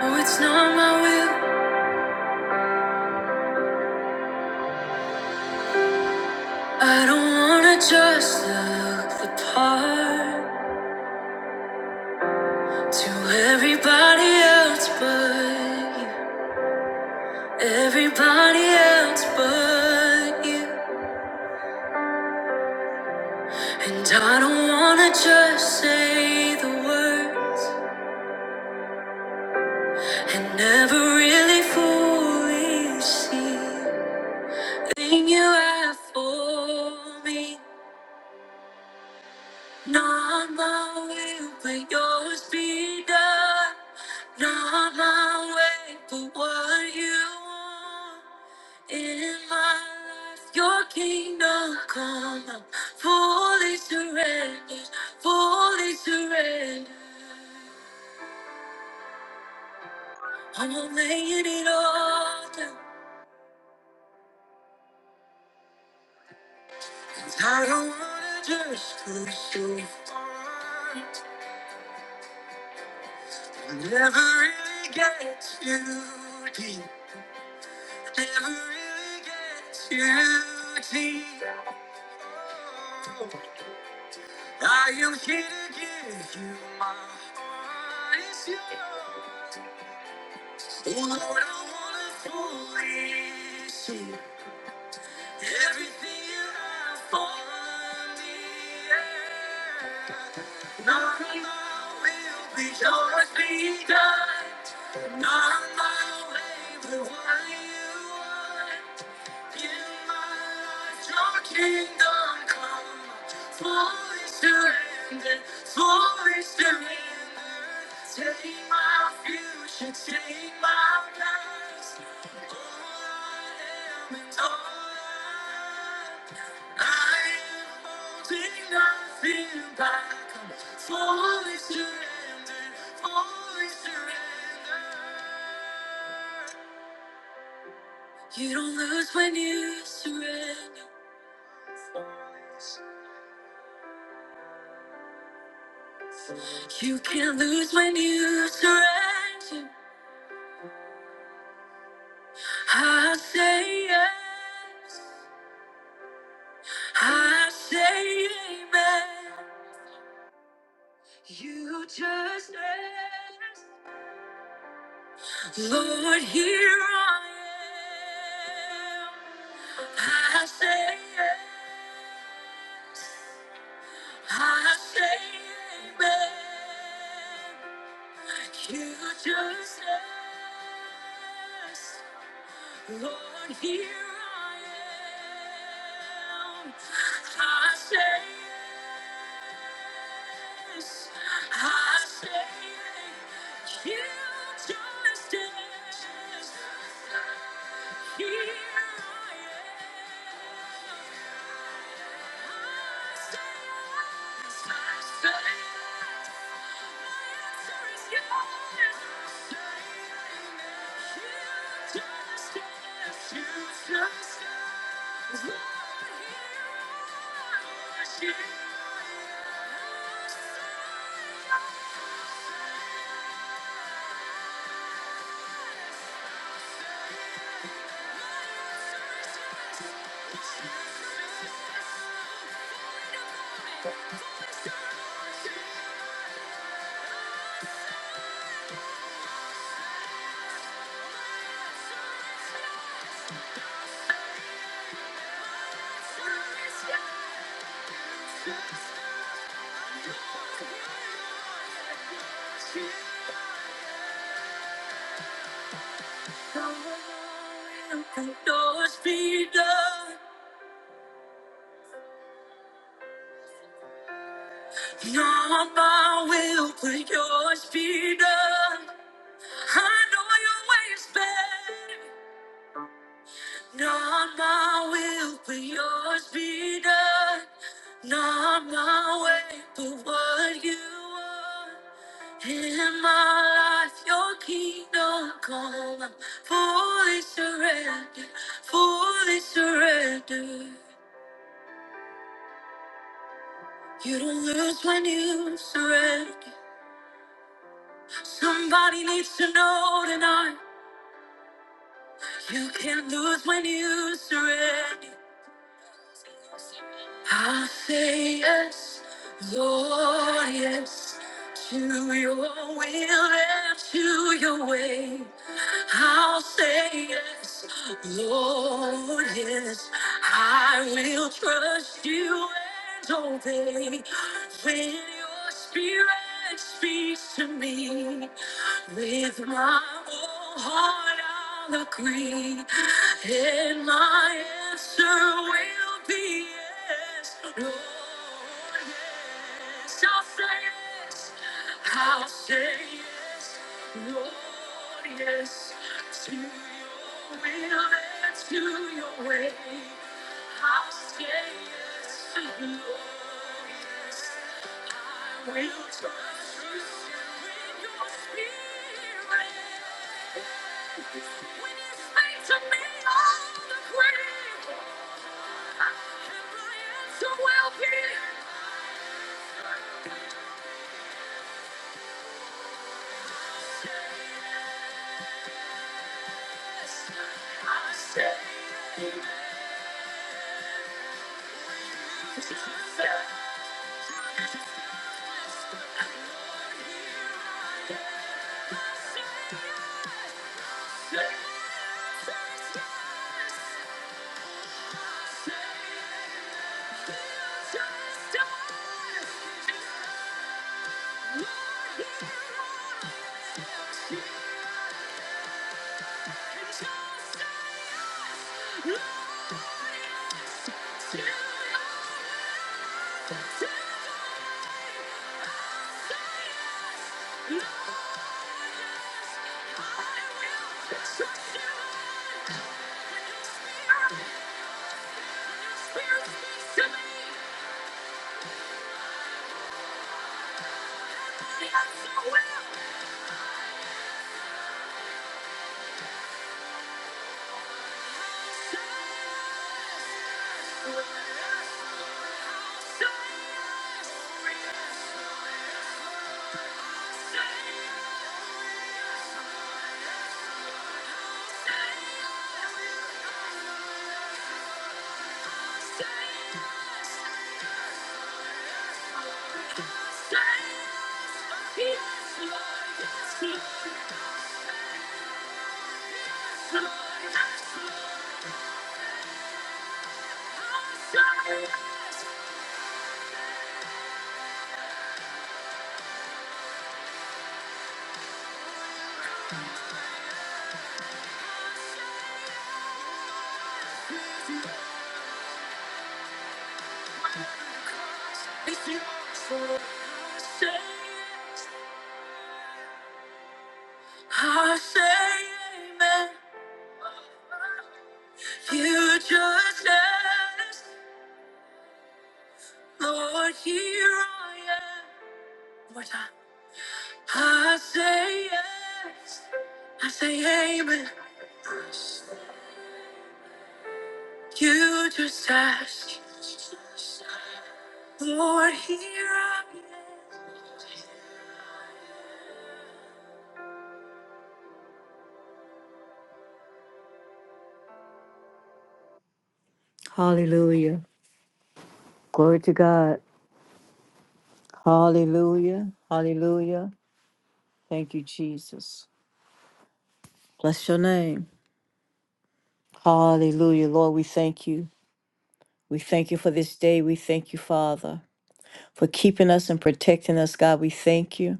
Oh, it's not my will. I don't wanna just look the part to everybody else but you. Everybody else but you. And I don't wanna just say the words and never really fully see the thing you have for me. Not my will, but yours be done. Not my way, but what you want. In my life, your kingdom come. I'm fully surrendered, fully surrendered. I'm laying it all down. 'Cause I don't wanna just go so far. I Never really get too deep. Never really gets you deep. Oh, I am here to give you my heart. It's yours. Lord, I wanna fully see everything you have for me. Not my will, be yours be done. Not my way, but what you want. my my kingdom Fully fully Fully fully surrender, surrender. surrender, surrender. Take take future, take my past. All all I I I am I am and holding nothing back. I'm fully surrender, fully surrender. You don't lose when you surrender. You can not lose when you surrender. I say yes. I say amen. You just ask, Lord, here I am. I say yes. I say amen. You just ask. Lord, here I am. I say yes. Yes. Yeah. Let yours be done. Not my will, but yours be done. I know your way is better. Not my will, but yours be done. Not my way, but what you want. In my life, your kingdom come. I'm fully surrendered, fully surrendered. You don't lose when you surrender. Somebody needs to know tonight. You can't lose when you surrender. I say yes, Lord, yes, to your will and to your way. I'll say yes, Lord, yes, I will trust you and obey. When your spirit speaks to me, with my whole heart I'll agree. And my answer will be yes, Lord, yes. I'll say yes, I'll say yes, Lord, yes, to your will and to your way. I'll say yes to you. Oh, yes. I will trust you in your spirit. When you speak to me, all the great and my answer will be yes. I say yes. Just say Yes! Spirit speaks to me, yes, I will. Yes, Lord. Yes, Lord. Yes, Lord. Yes, Lord. I say amen. You just ask, Lord, here I am. One more time. I say yes, I say amen. You just ask. Lord, here I am. Hallelujah. Glory to God. Hallelujah. Hallelujah. Thank you, Jesus. Bless your name. Hallelujah. Lord, we thank you. We thank you for this day. We thank you, Father, for keeping us and protecting us, God. We thank you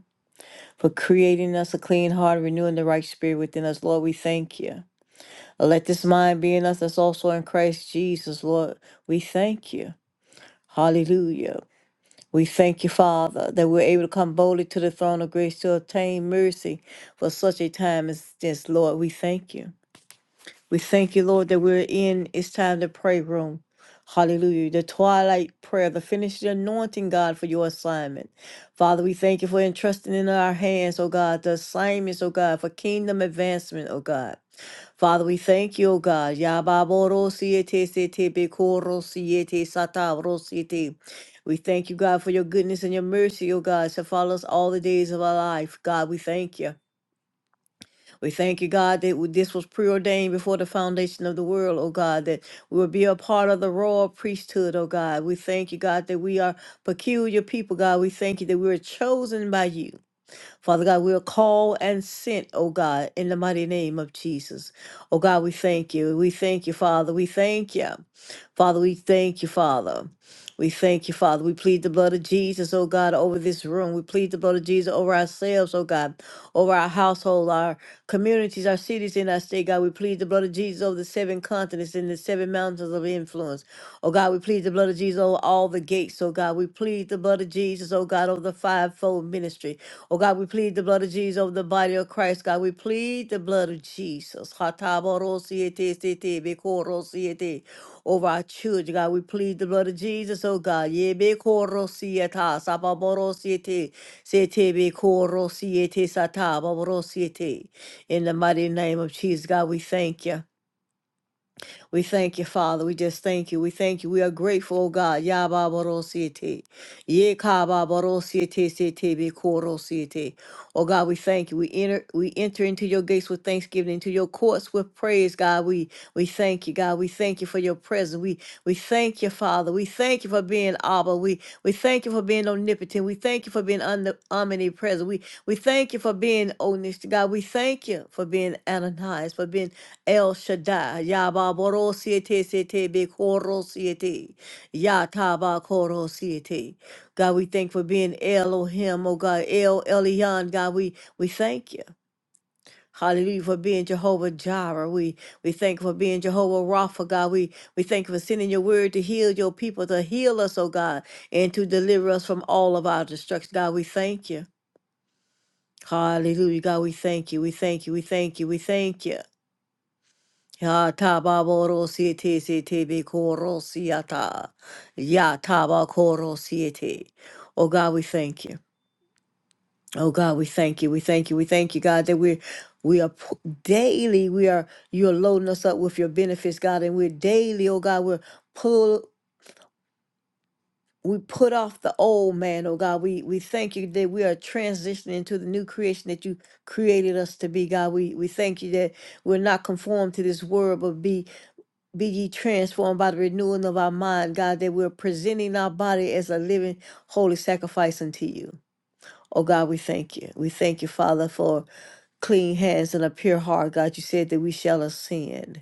for creating us a clean heart, renewing the right spirit within us. Lord, we thank you. Let this mind be in us that's also in Christ Jesus, Lord. We thank you. Hallelujah. We thank you, Father, that we're able to come boldly to the throne of grace to obtain mercy for such a time as this, Lord. We thank you. We thank you, Lord, that we're in it's time to pray room. Hallelujah. The twilight prayer, the finished anointing, God, for your assignment. Father, we thank you for entrusting in our hands, oh God, the assignments, oh God, for kingdom advancement, oh God. Father, we thank you, O God. Yababoro siete sete bekoro siete satavro siete. We thank you, God, for your goodness and your mercy, O God, to follow us all the days of our life. God, we thank you. We thank you, God, that this was preordained before the foundation of the world, oh God, that we will be a part of the royal priesthood, oh God. We thank you, God, that we are peculiar people, God. We thank you that we are chosen by you. Father God, we are called and sent, oh God, in the mighty name of Jesus. Oh God, we thank you. We thank you, Father. We thank you. Father, we thank you, Father. We thank you, Father. We plead the blood of Jesus, oh God, over this room. We plead the blood of Jesus over ourselves, oh God, over our household, our communities, our cities, and our state, God. We plead the blood of Jesus over the seven continents and the seven mountains of influence. Oh God, we plead the blood of Jesus over all the gates. Oh God, we plead the blood of Jesus, oh God, over the fivefold ministry. Oh God, we plead the blood of Jesus over the body of Christ. God, we plead the blood of Jesus. Hatabarosiete, bekorosiete, Over our children, God, we plead the blood of Jesus, oh God. Yebekorosieta, sababorosiete, setebekorosiete, satababorosiete. In the mighty name of Jesus, God, we thank you. We thank you, Father. We just thank you. We thank you. We are grateful, oh God. Ya ba ba ro si te. ye ka Yababarosiete. Yekababarosiete sete bekorosiete. Oh God, we thank you. We enter we enter into your gates with thanksgiving, into your courts with praise, God. We we thank you, God. We thank you for your presence. We we thank you, Father. We thank you for being Abba. We we thank you for being omnipotent. We thank you for being omni- omnipresent. We we thank you for being omniscient, God. We thank you for being Ananias, for being El Shaddai, Yababoro Siete Siete Bekoro Siete, Yataba Koro Siete. God, we thank for being Elohim, oh God, El Elyon, God, we, we thank you. Hallelujah for being Jehovah Jireh. We we thank you for being Jehovah Rapha, God. We we thank you for sending your word to heal your people, to heal us, oh God, and to deliver us from all of our destruction. God, we thank you. Hallelujah. God, we thank you. We thank you. We thank you. We thank you. Ya tababoro siete siete be koro siata. Ya tabakoro siete. Oh God, we thank you. Oh God, we thank you. We thank you. We thank you, God, that we're we are pu- daily, we are you're loading us up with your benefits, God, and we're daily, oh God, we're pull we put off the old man, oh God. We we thank you that we are transitioning to the new creation that you created us to be, God. We we thank you that we're not conformed to this world, but be be ye transformed by the renewing of our mind, God, that we're presenting our body as a living, holy sacrifice unto you. Oh God, we thank you. We thank you, Father, for clean hands and a pure heart. God, you said that we shall ascend.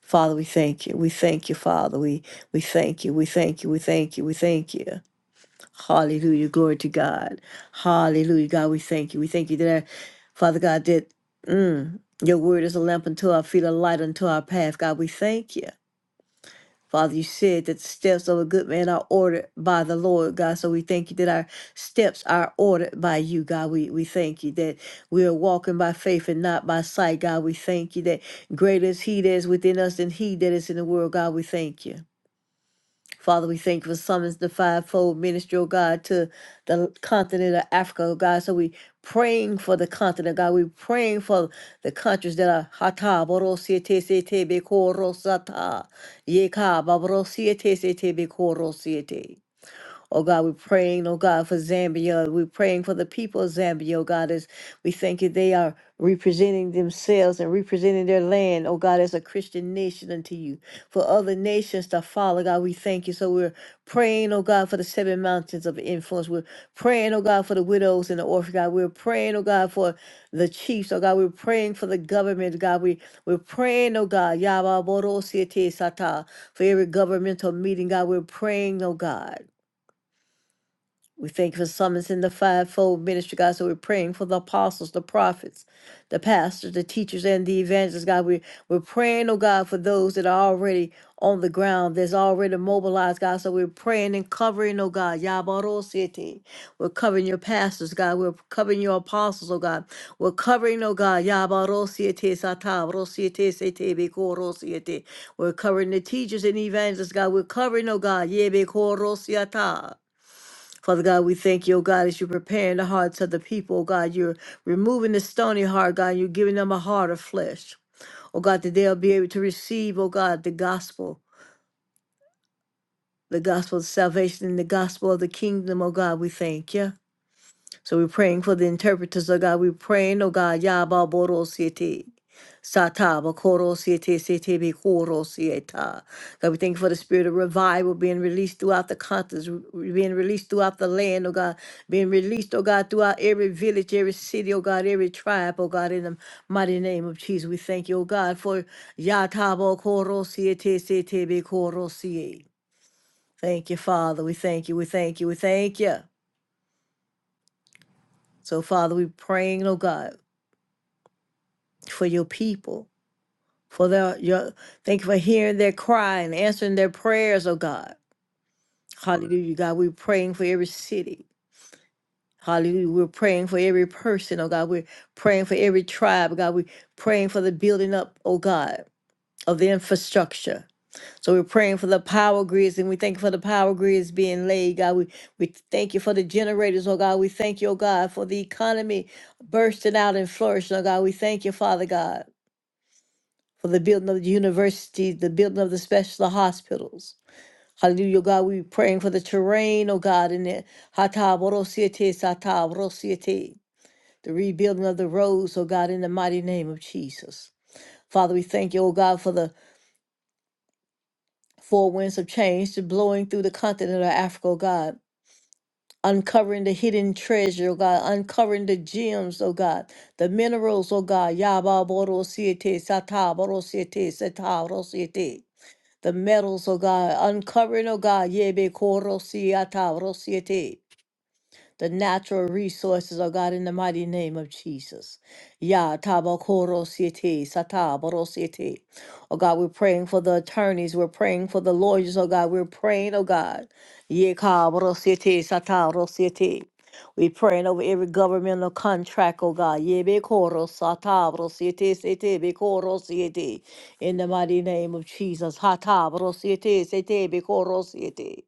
Father, we thank you. We thank you, Father. We we thank you. We thank you. We thank you. We thank you. Hallelujah. Glory to God. Hallelujah. God, we thank you. We thank you that, uh, Father God, that mm, your word is a lamp unto our feet, a light unto our path. God, we thank you. Father, you said that the steps of a good man are ordered by the Lord, God. So we thank you that our steps are ordered by you, God. We, we thank you that we are walking by faith and not by sight, God. We thank you that greater is He that is within us than He that is in the world, God. We thank you. Father, we thank you for summons the fivefold ministry, oh God, to the continent of Africa, oh God. So we praying for the continent, oh God. We praying for the countries that are hata borosiete sete bekorosata yeka baborosiete sete bekorosiete. Oh God, we're praying, oh God, for Zambia. We're praying for the people of Zambia, oh God, as we thank you they are representing themselves and representing their land, oh God, as a Christian nation unto you. For other nations to follow, God, we thank you. So we're praying, oh God, for the seven mountains of influence. We're praying, oh God, for the widows and the orphan, God. We're praying, oh God, for the chiefs, oh God. We're praying for the government, God. We, we're praying, oh God, Yabba Boro Siete Sata, for every governmental meeting, God. We're praying, oh God. We thank you for summons in the fivefold ministry, God. So we're praying for the apostles, the prophets, the pastors, the teachers, and the evangelists, God. We, we're praying, oh God, for those that are already on the ground, that's already mobilized, God. So we're praying and covering, oh God. Yabaro City. We're covering your pastors, God. We're covering your apostles, oh God. We're covering, oh God. Yabaro City, Satabro City, City, Bikoro City. We're covering the teachers and evangelists, God. We're covering, oh God. Yebekoro Siata. Father God, we thank you, oh God, as you're preparing the hearts of the people, oh God. You're removing the stony heart, God. You're giving them a heart of flesh. Oh God, that they'll be able to receive, oh God, the gospel, the gospel of salvation and the gospel of the kingdom, oh God, we thank you. So we're praying for the interpreters, oh God. We're praying, oh God, Yaba Boro Siete. Sata Bakoro Siete Siete Bikoro Sieta. God, we thank you for the spirit of revival being released throughout the continents, re- being released throughout the land, oh God, being released, oh God, throughout every village, every city, oh God, every tribe, oh God, in the mighty name of Jesus. We thank you, oh God, for Yata Bakoro Siete Siete Bikoro Siete. Thank you, Father. We thank you. We thank you. We thank you. So, Father, we praying, oh God. for your people, for their your thank you for hearing their cry and answering their prayers, oh God. Hallelujah, God. We're praying for every city. Hallelujah. We're praying for every person, oh God. We're praying for every tribe, God. We're praying for the building up, oh God, of the infrastructure. So we're praying for the power grids and we thank you for the power grids being laid, God. We we thank you for the generators, oh God. We thank you, oh God, for the economy bursting out and flourishing, oh God. We thank you, Father God. for the building of the university, the building of the special hospitals. Hallelujah, God, we praying for the terrain, oh God, in the Hata Borosiete Sata Borosiete, the rebuilding of the roads, oh God, in the mighty name of Jesus. Father, we thank you, oh God, for the four winds of change to blowing through the continent of Africa, oh God, uncovering the hidden treasure, oh God, uncovering the gems, oh God, the minerals, oh God, Yaba Borosiete Sata Borosiete Sata Borosiete. the metals oh God, uncovering, oh God, yebe koro siata rosiete the natural resources, oh God, in the mighty name of Jesus. Ya tabakoro siete, sataboro siete. Oh God, we're praying for the attorneys. We're praying for the lawyers, oh God. We're praying, oh God. Ye kaboro siete, sataro siete. We praying over every governmental contract, oh God. Ye be koro satabro siete siete be koro siete. In the mighty name of Jesus. Hatabro siete siete be koro siete.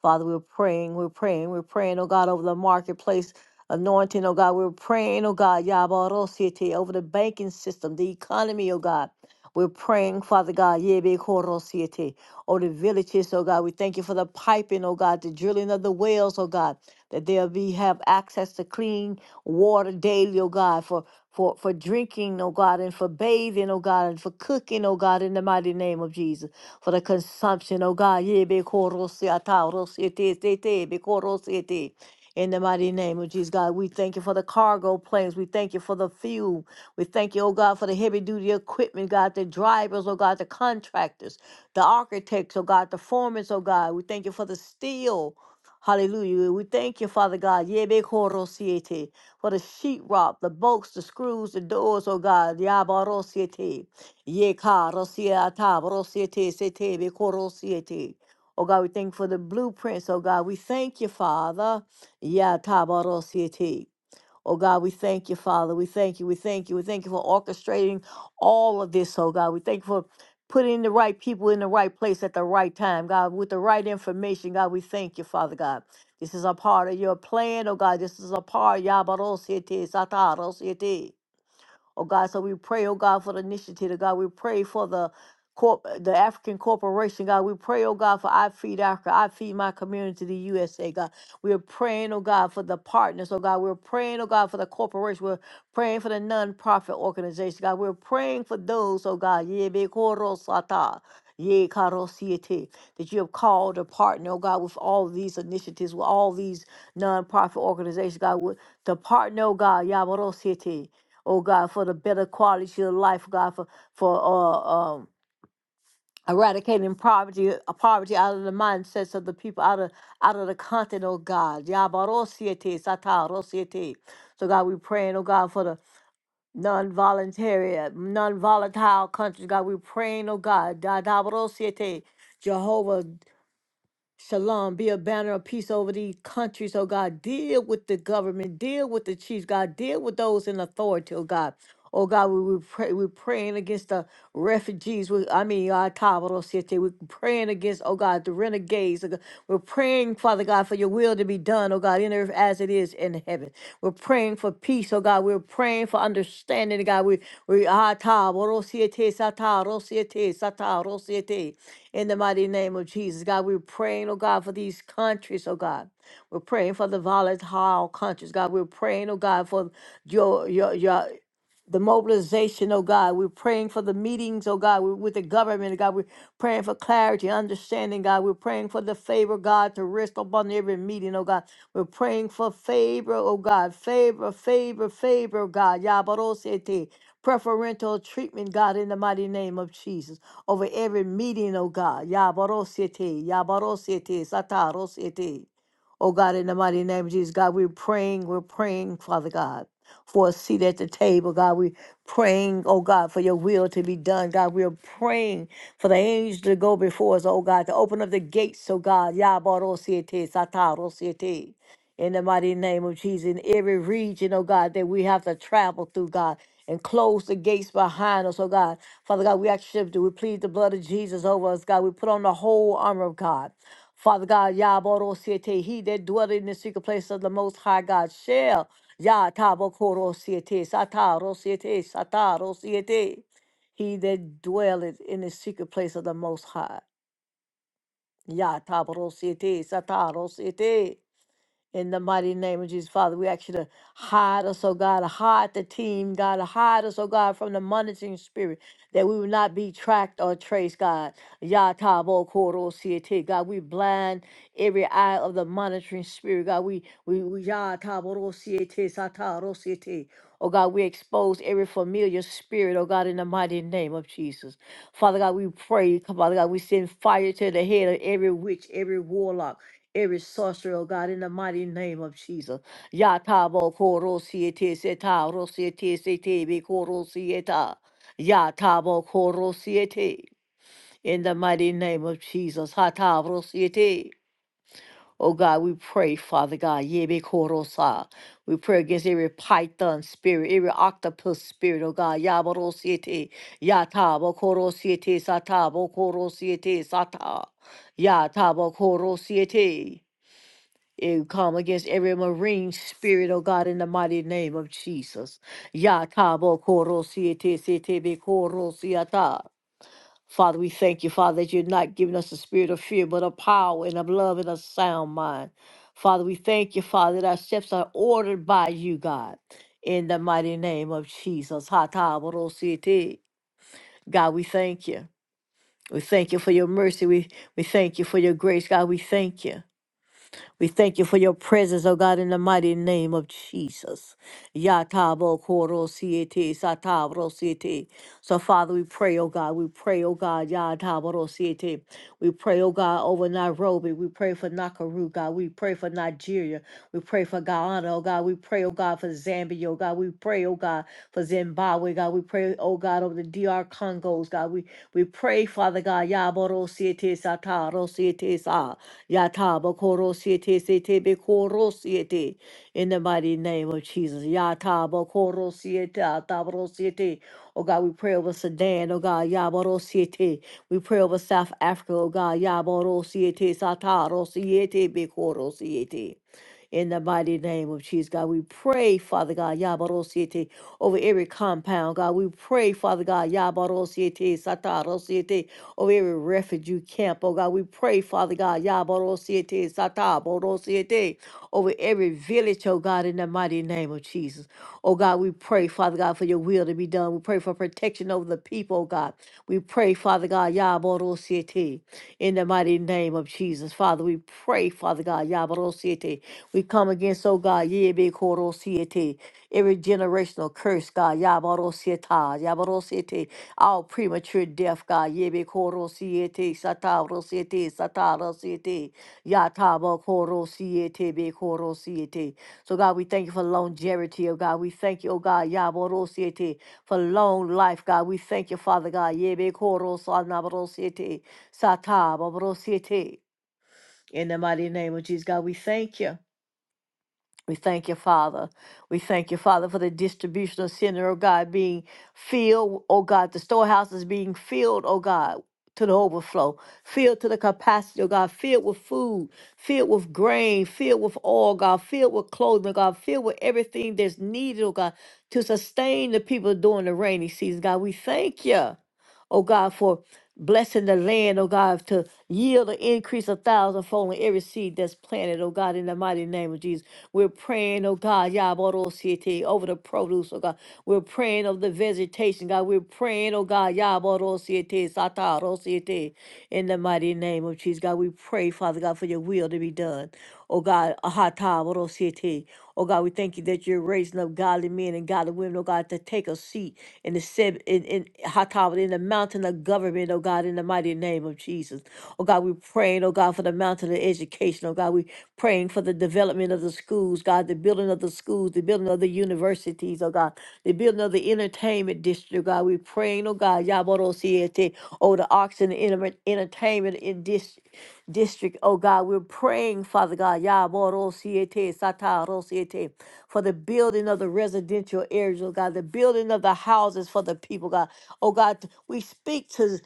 Father, we're praying, we're praying, we're praying, oh God, over the marketplace anointing, oh God. We're praying, oh God, Yabarosiete, over the banking system, the economy, oh God. We're praying, Father God, Yebe Koro Siete, over the villages, oh God. We thank you for the piping, oh God, the drilling of the wells, oh God, that they'll be have access to clean water daily, oh God, for for for drinking, oh God, and for bathing, oh God, and for cooking, oh God, in the mighty name of Jesus. For the consumption, oh God, Yebe Koro Siata, Oro Siete, Siete, Yebe Koro Siete. In the mighty name of Jesus, God, we thank you for the cargo planes. We thank you for the fuel. We thank you, oh God, for the heavy duty equipment, God, the drivers, oh God, the contractors, the architects, oh God, the foremen, oh God. We thank you for the steel. Hallelujah. We thank you, Father God, Yebe koro for the sheetrock, the bolts, the screws, the doors, oh God. Yabarosiete. Yeka rosiata, rosiete, sete, be koro siete. Oh God, we thank you for the blueprints, oh God. We thank you, Father. Yeah, Tabarosieti. Oh God, we thank you, Father. We thank you. We thank you. We thank you for orchestrating all of this, oh God. We thank you for putting the right people in the right place at the right time, God, with the right information. God, we thank you, Father God. This is a part of your plan, oh God. This is a part, Yabarosieti, Satarosieti. Oh God, so we pray, oh God, for the initiative, oh God. We pray for the corp the African corporation, God. We pray, oh God, for I feed Africa, I feed my community, the USA, God. We're praying, oh God, for the partners, oh God. We're praying, oh God, for the corporation. We're praying for the nonprofit organization, God. We're praying for those, oh God, yeah, be korosata, yeah, karosiete, that you have called a partner, oh God, with all these initiatives, with all these nonprofit organizations, God, with the partner, oh God, Yabarosiete oh God, for the better quality of life, God, for for uh, um, eradicating poverty, uh, poverty out of the mindsets of the people, out of out of the continent, oh God. Yabarosiete, satarosiete. So God, we praying, oh God, for the non-voluntary, uh, non-volatile countries. God, we praying, oh God, da- da- barosiete. Jehovah Shalom, be a banner of peace over these countries, oh God. Deal with the government, deal with the chiefs, God. Deal with those in authority, oh God. Oh God, we, we pray, we're praying against the refugees. We, I mean, our Tabaro City. We're praying against, oh God, the renegades. oh God. We're praying, Father God, for your will to be done, oh God, in earth as it is it is in heaven. We're praying for peace, oh God. We're praying for understanding, God. We we ah, ta, bo, ro, si, e, te sa, ta, ro, si, e, te sa, ta, ro, si, e, te in the mighty name of Jesus, God. We're praying, oh God, for these countries, oh God. We're praying for the volatile countries, God. We're praying, oh God, for your your your the mobilization, oh God. We're praying for the meetings, oh God, We're with the government, oh God. We're praying for clarity, understanding, God. We're praying for the favor, God, to rest upon every meeting, oh God. We're praying for favor, oh God. Favor, favor, favor, oh God. Yabarosete. Preferential treatment, God, in the mighty name of Jesus. Over every meeting, oh God. Yabarosete, Yabarosete, Satarosete. Oh God, in the mighty name of Jesus, God, we're praying, we're praying, Father God for a seat at the table. God, we praying, oh God, for your will to be done. God, we are praying for the angels to go before us, oh God, to open up the gates, oh God. Yabarosiete, satarosiete in the mighty name of Jesus, in every region, oh God, that we have to travel through, God, and close the gates behind us, oh God. Father God, we actually do. We plead the blood of Jesus over us, God. We put on the whole armor of God. Father God, Yaboro Siete, he that dwelleth in the secret place of the Most High God shall. Ya Tabokoro Siete, Sataro Siete, Sataro Siete. He that dwelleth in the secret place of the Most High. Ya Taboro Siete, Sataro Siete. In the mighty name of Jesus, Father, we ask you to hide us, oh God, hide the team, God, hide us, oh God, from the monitoring spirit, that we will not be tracked or traced, God. Yatabo koro siete, God, we blind every eye of the monitoring spirit, God. We we we yatabo ro siete, sata ro siete. Oh God, we expose every familiar spirit, oh God, in the mighty name of Jesus. Father God, we pray, Father God, we send fire to the head of every witch, every warlock every sorcerer, oh God, in the mighty name of Jesus. Yatabo koro siete seta, rosiete sete be koro sieta. Yatabo koro In the mighty name of Jesus. Hatabo siete. Oh God, we pray, Father God, yebe koro We pray against every python spirit, every octopus spirit, oh God, yaboro siete, yatabo koro siete, satabo koro siete, sata, yatabo koro siete and come against every marine spirit, oh God, in the mighty name of Jesus. Yakabo korosiete setebe korosiata. Father, we thank you, Father, that you're not giving us a spirit of fear, but of power and of love and a sound mind. Father, we thank you, Father, that our steps are ordered by you, God, in the mighty name of Jesus. Hataborosiete. God, we thank you. We thank you for your mercy. We, we thank you for your grace. God, we thank you. We thank you for your presence, oh God, in the mighty name of Jesus. Yatabo koro siete satabro siete. So, Father, we pray, oh God, we pray, oh God, yatabro siete. We pray, oh God, over Nairobi. We pray for Nakuru, God. We pray for Nigeria. We pray for Guyana, oh God. We pray, oh God, for Zambia, oh God. We pray, oh God, for Zimbabwe, God. We pray, oh God, over the DR Congos, God. We we pray, Father God, Yaboro siete sata, rosiete sa, Yataba koro siete sete be koro siete. In the mighty name of Jesus, Yataba koro siete, Atabro siete. Oh God, we pray over Sudan, oh God, Yaboro siete. We pray over South Africa, oh God, Yaboro siete sata, rosiete be koro siete in the mighty name of Jesus. God, we pray, Father God, Yabarosiete, over every compound. God, we pray, Father God, Yabarosiete, Satarosiete, over every refugee camp. Oh God, we pray, Father God, Yabarosiete, Satarosiete, over every village, oh God, in the mighty name of Jesus. Oh God, we pray, Father God, for your will to be done. We pray for protection over the people, oh God. We we pray, Father God, Yabarosiete, in the mighty name of Jesus. Father, we pray, Father God, Yabarosiete. We come against, oh God, Yebekorosiete, every generational curse, God, Yabarosieta, Yabarosiete, all premature death, God, Yebekorosiete, Satarosiete, Satarosiete, Yatabakorosiete, Bekorosiete. So, God, we thank you for longevity, oh God. We thank you, oh God, Yabarosiete for long life, God. We thank you, Father God. Yebe koro sa na bro sa ta ba bro In the mighty name of Jesus, God, we thank you. We thank you, Father. We thank you, Father, for the distribution of center, oh God, being filled, oh God, the storehouses being filled, oh God, to the overflow, filled to the capacity, oh God, filled with food, filled with grain, filled with oil, God, filled with clothing, oh God, filled with everything that's needed, oh God, to sustain the people during the rainy season. God, we thank you oh God, for blessing the land, oh God, to yield an increase of thousandfold in every seed that's planted, oh God, in the mighty name of Jesus. We're praying, oh God, Yabarosiete, over the produce, oh God. We're praying over the vegetation, God. We're praying, oh God, Yabarosiete, Satarosiete, in the mighty name of Jesus. God, we pray, Father God, for your will to be done. Oh God, Ahata, Borosiete. Oh God, we thank you that you're raising up godly men and godly women, oh God, to take a seat in the seb in, in Hata, in the mountain of government, oh God, in the mighty name of Jesus. Oh God, we're praying, oh God, for the mountain of education. Oh God, we praying for the development of the schools, God, the building of the schools, the building of the universities, oh God, the building of the entertainment district, God. We're praying, oh God, Yaborosiete, oh the arts and the enter- entertainment in dis- district, oh God. We're praying, Father God, Yaborosiete, Satarosiete, for the building of the residential areas, oh God, the building of the houses for the people, God. Oh God, we speak to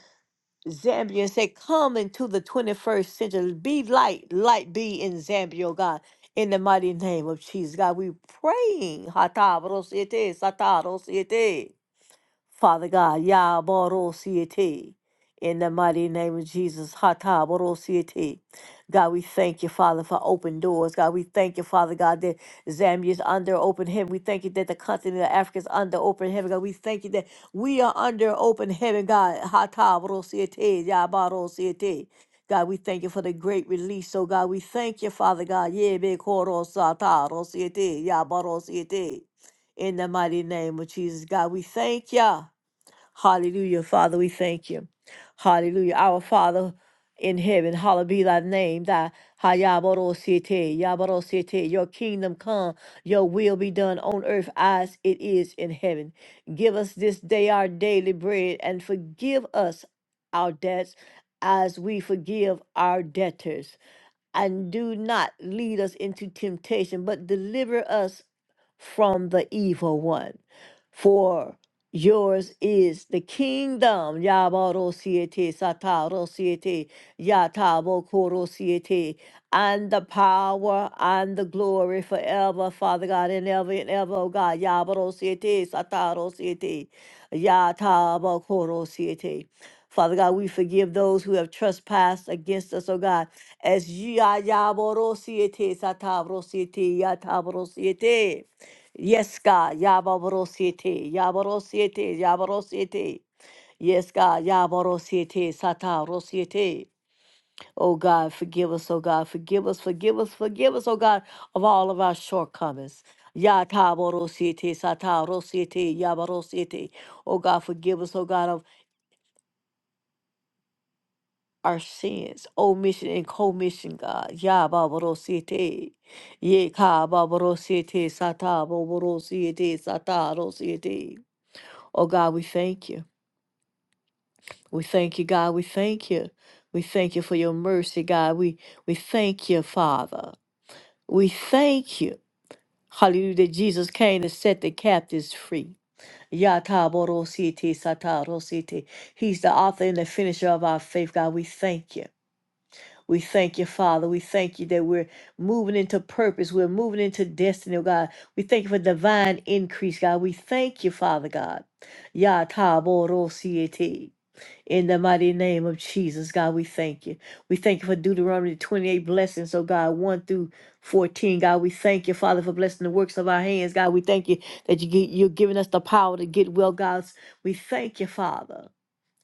Zambia and say, Come into the 21st century. Be light, light be in Zambia, oh God. In the mighty name of Jesus, God, we praying. Hatarosiete, Satarosiete. Father God, Yah Borosiete, in the mighty name of Jesus, Hata Borosiete. God, we thank you, Father, for open doors. God, we thank you, Father God, that Zambia is under open heaven. We thank you that the continent of Africa is under open heaven. God, we thank you that we are under open heaven, God. Hata Borosiete, Yah Borosiete. God, we thank you for the great release. So, God, we thank you, Father God. Yebe Korosata Rosiete, Yah Borosiete. In the mighty name of Jesus, God, we thank you. Hallelujah. Father, we thank you. Hallelujah. Our Father in heaven, hallowed be thy name, thy Hayabarosete, Yabarosete, your kingdom come, your will be done on earth as it is in heaven. Give us this day our daily bread and forgive us our debts as we forgive our debtors and do not lead us into temptation, but deliver us from the evil one. For yours is the kingdom, Yabarosiete, Satarosiete, Yatabokorosiete, and the power and the glory forever, Father God, and ever and ever, oh God, Yabarosiete, Satarosiete, Yatabokorosiete. Father God, we forgive those who have trespassed against us, oh God. As ya ya borosiete satabrosiete satabro ya tabro siete. Yes, God, ya boro siete, ya boro ya boro siete. Yes, God, ya boro siete Oh God, forgive us, oh God, forgive us, forgive us, forgive us, oh God, of all of our shortcomings. Ya taboro siete ya boro Oh God, forgive us, oh God, of our sins, omission and commission, God. Ya babarosiete. Ye ka babarosiete sata babarosiete sata rosiete. Oh God, we thank you. We thank you, God. We thank you. We thank you for your mercy, God. We we thank you, Father. We thank you. Hallelujah. That Jesus came to set the captives free. Yata borosiete sata rosiete. He's the author and the finisher of our faith, God. We thank you. We thank you, Father. We thank you that we're moving into purpose. We're moving into destiny, oh God. We thank you for divine increase, God. We thank you, Father God. Ya Ta Bo Ro Siete. In the mighty name of Jesus, God, we thank you. We thank you for Deuteronomy 28 blessings, oh God, 1 through 14. God, we thank you, Father, for blessing the works of our hands. God, we thank you that you, gi- you're giving us the power to get well, God. We thank you, Father.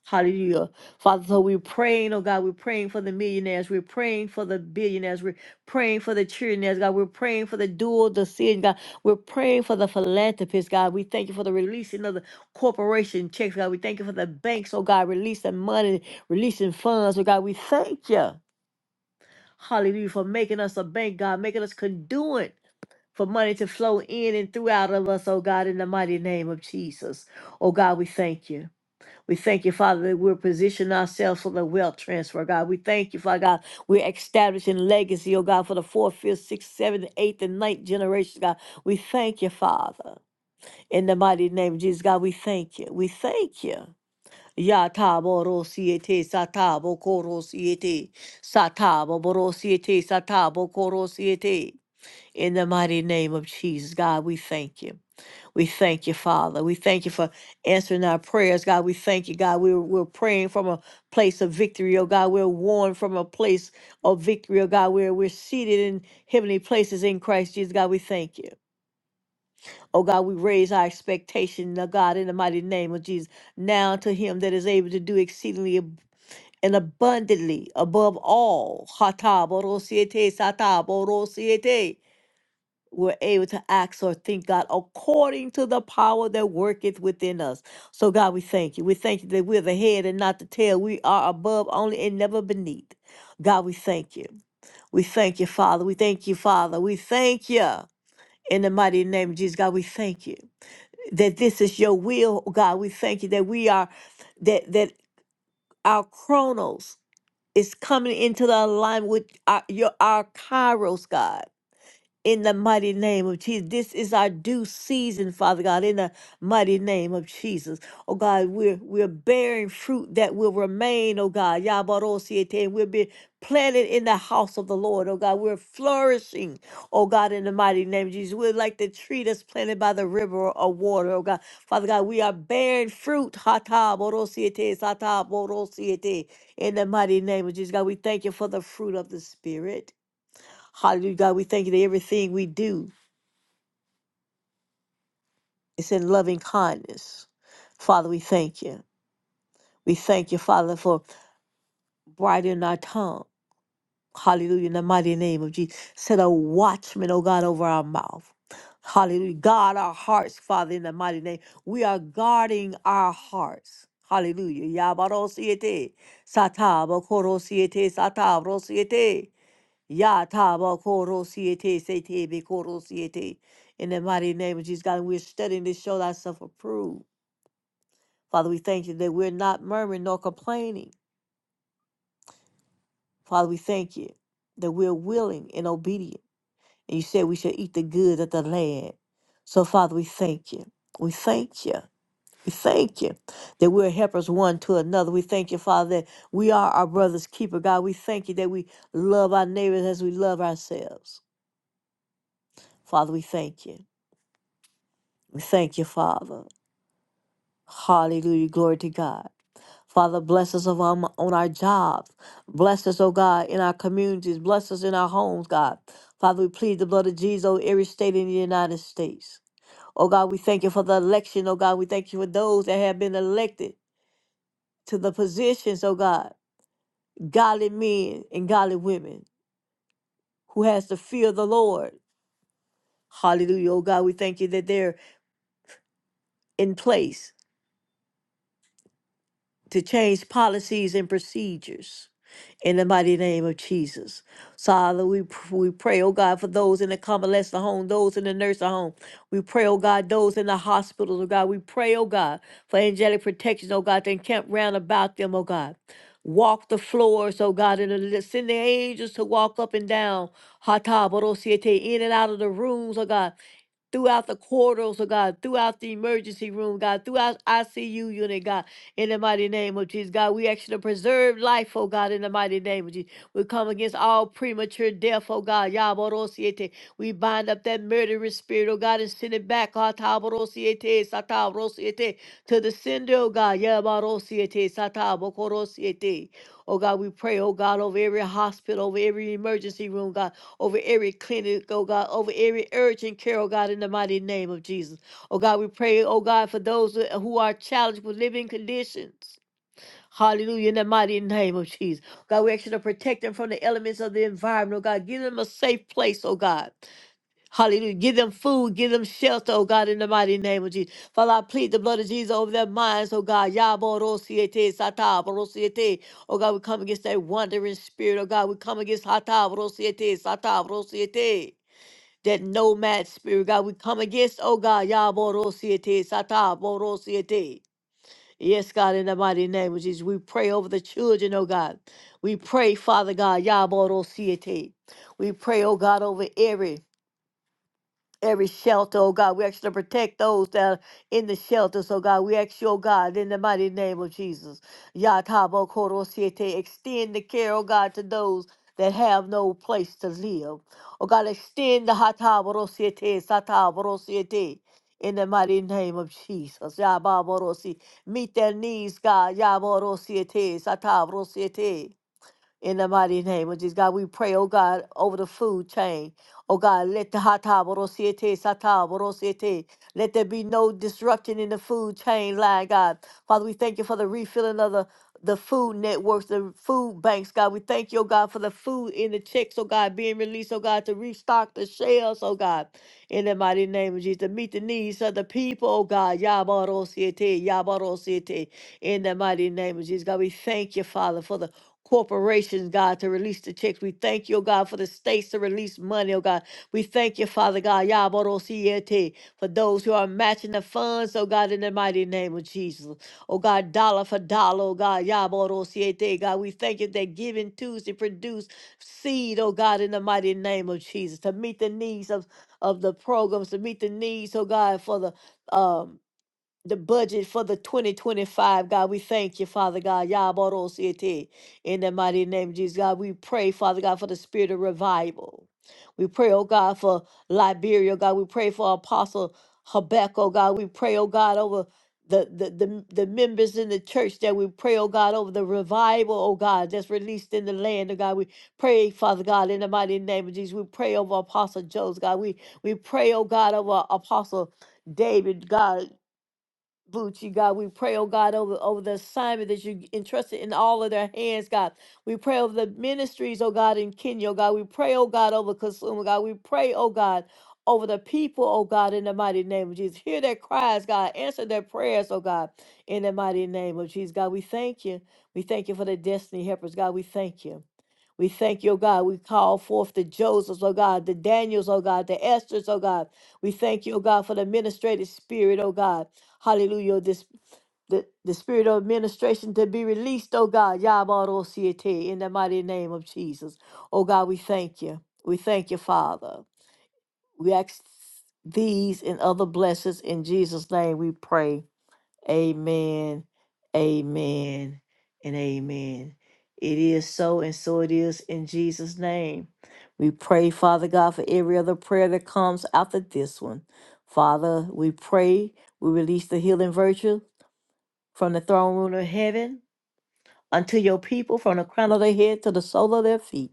Hallelujah. Father, so we're praying, oh God, we're praying for the millionaires. We're praying for the billionaires. We're praying for the trillionaires, God. We're praying for the dual decision, God. We're praying for the philanthropists, God. We thank you for the releasing of the corporation checks, God. We thank you for the banks, oh God, releasing money, releasing funds, oh God. We thank you, hallelujah, for making us a bank, God, making us conduit for money to flow in and through out of us, oh God, in the mighty name of Jesus. Oh God, we thank you. We thank you, Father, that we're positioning ourselves for the wealth transfer, God. We thank you, Father God. We're establishing legacy, oh God, for the fourth, fifth, sixth, seventh, eighth, and ninth generations, God. We thank you, Father. In the mighty name of Jesus, God, we thank you. We thank you. Yatabo rosiete satabo korosiete satabo borosiete satabo korosiete. In the mighty name of Jesus, God, we thank you. We thank you, Father. We thank you for answering our prayers, God. We thank you, God. We're, we're praying from a place of victory, oh God. We're warned from a place of victory, oh God. We're, we're seated in heavenly places in Christ Jesus, God. We thank you. Oh God, we raise our expectation, oh God, in the mighty name of Jesus. Now to him that is able to do exceedingly ab- and abundantly above all. Hata borosiete, sata we're able to act or think, God, according to the power that worketh within us. So, God, we thank you. We thank you that we're the head and not the tail. We are above only and never beneath. God, we thank you. We thank you, Father. We thank you, Father. We thank you. In the mighty name of Jesus, God, we thank you that this is your will, God. We thank you that we are, that that our chronos is coming into the alignment with our, your, our kairos, God in the mighty name of Jesus. This is our due season, Father God, in the mighty name of Jesus. Oh God, we're we're bearing fruit that will remain, oh God. Yabarosiete, and We'll be planted in the house of the Lord, oh God. We're flourishing, oh God, in the mighty name of Jesus. We're like the tree that's planted by the river of water, oh God. Father God, we are bearing fruit. Hata borosiete, sata borosiete, In the mighty name of Jesus, God, we thank you for the fruit of the Spirit. Hallelujah, God. We thank you that everything we do is in loving kindness. Father, we thank you. We thank you, Father, for brightening our tongue. Hallelujah, in the mighty name of Jesus. Set a watchman, oh God, over our mouth. Hallelujah. Guard our hearts, Father, in the mighty name. We are guarding our hearts. Hallelujah. Yabarosiete, satabokoro siete, satabro siete. Ya ta ba ko ro siete se te be ko ro siete. In the mighty name of Jesus, God, we're studying to show thyself approved. Father, we thank you that we're not murmuring nor complaining. Father, we thank you that we're willing and obedient. And you said we shall eat the good of the land. So, Father, we thank you. We thank you. We thank you that we're helpers one to another. We thank you, Father, that we are our brother's keeper. God, we thank you that we love our neighbors as we love ourselves. Father, we thank you. We thank you, Father. Hallelujah. Glory to God. Father, bless us of our, on our jobs. Bless us, oh God, in our communities. Bless us in our homes, God. Father, we plead the blood of Jesus over every state in the United States. Oh God, we thank you for the election. Oh God, we thank you for those that have been elected to the positions, oh God, godly men and godly women who has to fear the Lord. Hallelujah. Oh God, we thank you that they're in place. to change policies and procedures in the mighty name of Jesus. Father, we, pr- we pray, oh God, for those in the convalescent home, those in the nursing home. We pray, oh God, those in the hospitals, oh God. We pray, oh God, for angelic protection, oh God, to encamp round about them, oh God. Walk the floors, oh God, and to send the angels to walk up and down, Hata Borosiete, in and out of the rooms, oh God throughout the corridors, oh God, throughout the emergency room, God, throughout ICU unit, God, in the mighty name of Jesus. God, we ask you to preserve life, oh God, in the mighty name of Jesus. We come against all premature death, oh God. Yaborosiete. We bind up that murderous spirit, oh God, and send it back, Ataborosiete. Taborosiete, to the sender, oh God. Yaborosiete, Satabokorosiete. Oh God, we pray, oh God, over every hospital, over every emergency room, God over every clinic, oh God, over every urgent care, oh God, in the mighty name of Jesus. Oh God, we pray, oh God, for those who are challenged with living conditions. Hallelujah, in the mighty name of Jesus. God, we ask you to protect them from the elements of the environment, oh God. Give them a safe place, oh God. Hallelujah. Give them food. Give them shelter, oh God, in the mighty name of Jesus. Father, I plead the blood of Jesus over their minds, oh God. Yaborosiete, sataborosiete. Oh God, we come against that wandering spirit, oh God. We come against hataborosiete, sataborosiete. That nomad spirit, God, we come against, oh God, Yaborosiete, Sataborosiete. Yes, God, in the mighty name of Jesus, we pray over the children, oh God. We pray, Father God, Yaborosiete. We pray, oh God, over every every shelter, oh God. We ask you to protect those that are in the shelters, oh God. We ask you, oh God, in the mighty name of Jesus. Yatabo Koro Siete, extend the care, oh God, to those that have no place to live. Oh God, extend the Hataboro Siete, Sataboro Siete. In the mighty name of Jesus. Yababorosi. Meet their needs, God. Yaboro siete, satabro siete. In the mighty name of Jesus, God, we pray, oh God, over the food chain. Oh God, let the hata borosiete sata borosiete. Let there be no disruption in the food chain line, God. Father, we thank you for the refilling of the the food networks, the food banks, God. We thank you, oh God, for the food in the checks, oh God, being released, oh God, to restock the shelves, oh God. In the mighty name of Jesus, to meet the needs of the people, oh God. Yabarosiete, yabarosiete. In the mighty name of Jesus, God, we thank you, Father, for the corporations, God, to release the checks. We thank you, oh God, for the states to release money, oh God. We thank you, Father God, Yaborosiete, for those who are matching the funds, oh God, in the mighty name of Jesus. Oh God, dollar for dollar, oh God, Yaborosiete, God. We thank you that giving Tuesday produce seed, oh God, in the mighty name of Jesus, to meet the needs of, of the programs, to meet the needs, oh God, for the um the budget for the 2025. God, we thank you, Father God. Yabarosiete. In the mighty name of Jesus, God, we pray, Father God, for the spirit of revival. We pray, oh God, for Liberia, God. We pray for Apostle Habakkuk, oh God. We pray, oh God, over the, the, the, the members in the church that we pray, oh God, over the revival, oh God, that's released in the land, oh God. We pray, Father God, in the mighty name of Jesus. We pray over Apostle Joe's, God. We, we pray, oh God, over Apostle David, God. Bucci, God. We pray, oh God, over, over the assignment that you entrusted in all of their hands, God. We pray over the ministries, oh God, in Kenya, oh God. We pray, oh God, over Kasuma, God. We pray, oh God, over the people, oh God, in the mighty name of Jesus. Hear their cries, God. Answer their prayers, oh God, in the mighty name of Jesus, God. We thank you. We thank you for the destiny helpers, God. We thank you. We thank you, oh God. We call forth the Josephs, oh God, the Daniels, oh God, the Esthers, oh God. We thank you, oh God, for the administrative spirit, oh God. Hallelujah. This the, the spirit of administration to be released, oh God. Yabarosiete, in the mighty name of Jesus. Oh God, we thank you. We thank you, Father. We ask these and other blessings in Jesus' name we pray. Amen, amen, and amen. It is so, and so it is in Jesus' name. We pray, Father God, for every other prayer that comes after this one. Father, we pray, we release the healing virtue from the throne room of heaven unto your people from the crown of their head to the sole of their feet.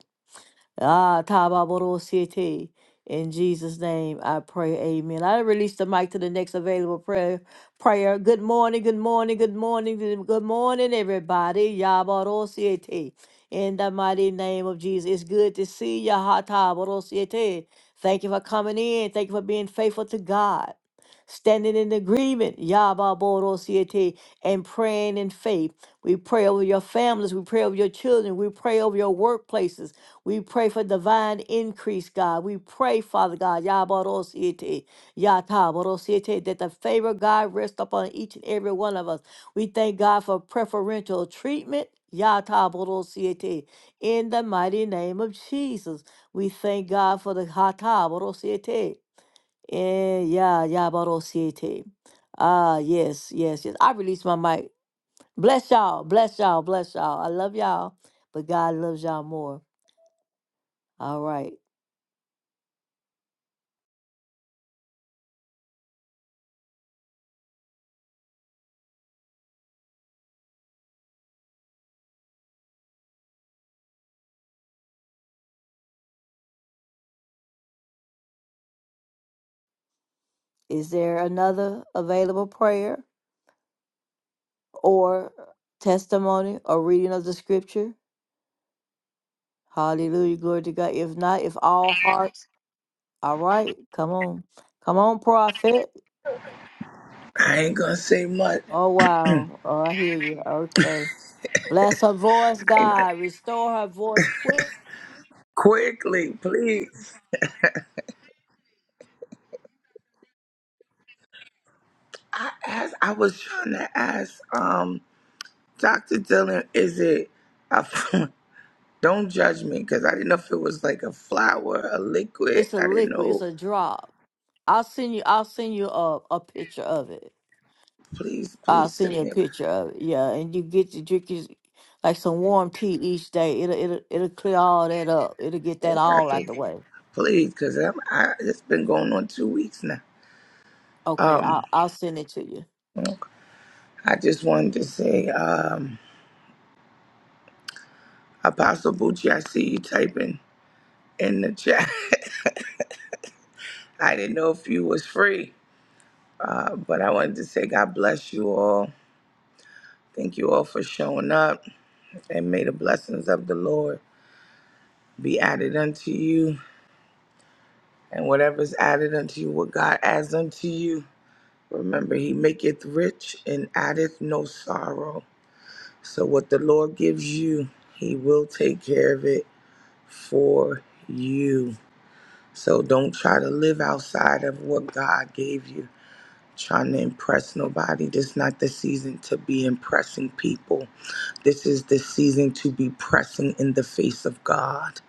Ah, Tababoro City. In Jesus' name, I pray. Amen. I release the mic to the next available prayer. Prayer. Good morning. Good morning. Good morning. Good good morning, everybody. Yabaro City. In the mighty name of Jesus, it's good to see you. Ha Tabaro City. Thank you for coming in. Thank you for being faithful to God. Standing in agreement, Yababoro City, and praying in faith. We pray over your families. We pray over your children. We pray over your workplaces. We pray for divine increase, God. We pray, Father God, Yabarosiete, Yatabarosiete, that the favor of God rest upon each and every one of us. We thank God for preferential treatment. Yatabarosiete, in the mighty name of Jesus. We thank God for the Hatabarosiete. Eh, Ya Yabarosiete. Ah, yes, yes, yes. I release my mic. Bless y'all, bless y'all, bless y'all. I love y'all, but God loves y'all more. All right. Is there another available prayer or testimony or reading of the scripture? Hallelujah. Glory to God. If not, if all hearts, all right, come on. Come on, prophet. I ain't gonna say much. Oh, wow. Oh, I hear you. Okay. Bless her voice, I ain't gonna, God. Restore her voice quick. quickly, please. I asked, I was trying to ask, um, Dr. Dillon, is it a, don't judge me because I didn't know if it was like a flower, a liquid. It's a I didn't liquid, it's know. a drop. I'll send you, I'll send you a, a picture of it. Please, I'll please send send you a me a picture of it. Yeah, and you get to drink your, like some warm tea each day. It'll it'll it'll clear all that up. It'll get that bag. I all out the think, way. please, because I'm, I, it's been going on two weeks now. Okay, I'll Um, I'll send it to you. I just wanted to say, um, Apostle Bucci, I see you typing in the chat. I didn't know if you was free. Uh, but I wanted to say, God bless you all. Thank you all for showing up. And may the blessings of the Lord be added unto you. And whatever's added unto you, what God adds unto you, remember, He maketh rich and addeth no sorrow. So what the Lord gives you, He will take care of it for you. So don't try to live outside of what God gave you. trying to impress nobody. This is not the season to be impressing people. This is the season to be pressing in the face of God.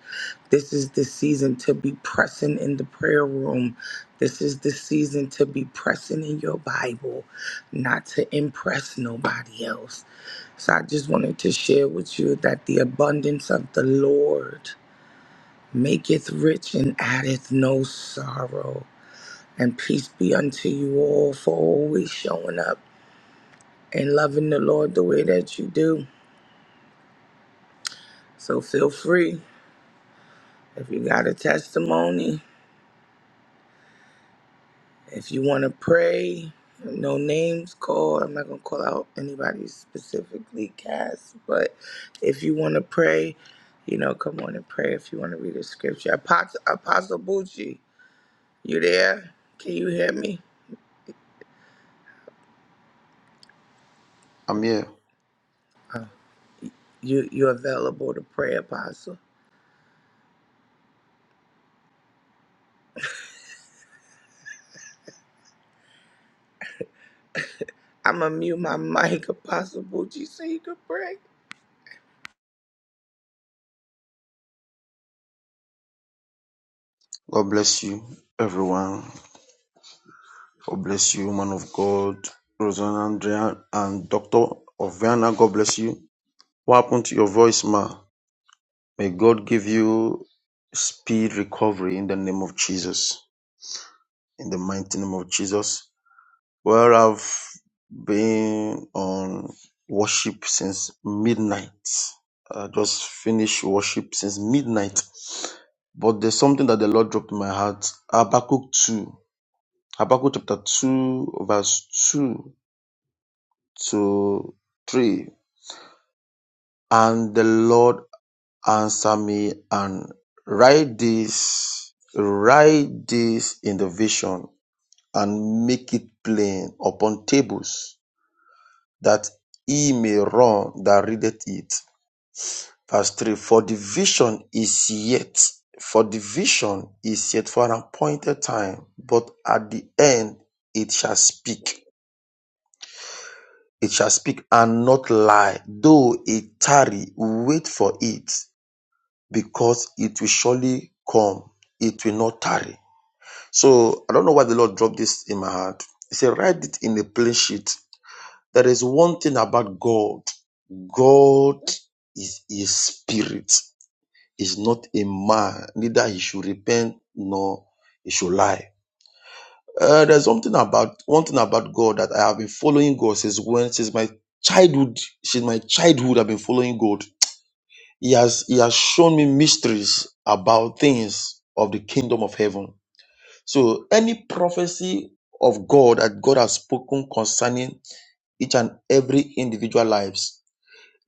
This is the season to be pressing in the prayer room. This is the season to be pressing in your Bible, not to impress nobody else. So I just wanted to share with you that the abundance of the Lord maketh rich and addeth no sorrow. And peace be unto you all for always showing up and loving the Lord the way that you do. So feel free. If you got a testimony, if you want to pray, no names called. I'm not going to call out anybody specifically cast, but if you want to pray, you know, come on and pray if you want to read a scripture. Apostle, Apostle Bucci, you there? Can you hear me? Amir, You you available to pray, Apostle? I'm going to mute my mic, Apostle Bucci, so you can pray. God bless you, everyone. God bless you, man of God, Rosanna Andrea, and Doctor Oviana. God bless you. What happened to your voice, ma? May God give you speed recovery in the name of Jesus. In the mighty name of Jesus. Well, I've been on worship since midnight. I just finished worship since midnight. But there's something that the Lord dropped in my heart. Habakkuk 2. Habakkuk chapter 2, verse 2 to 3. And the Lord answered me and write this, write this in the vision and make it plain upon tables that he may run that readeth it. Verse 3 For the vision is yet, for the vision is yet for an appointed time, but at the end it shall speak. It shall speak and not lie. Though it tarry, wait for it, because it will surely come. It will not tarry. So I don't know why the Lord dropped this in my heart. He said, write it in a plain sheet. There is one thing about God. God is a spirit, is not a man, neither he should repent nor he should lie. Uh, there's something about one thing about God that I have been following God since when since my childhood. Since my childhood, I've been following God. He has He has shown me mysteries about things of the kingdom of heaven. So any prophecy of God that God has spoken concerning each and every individual lives,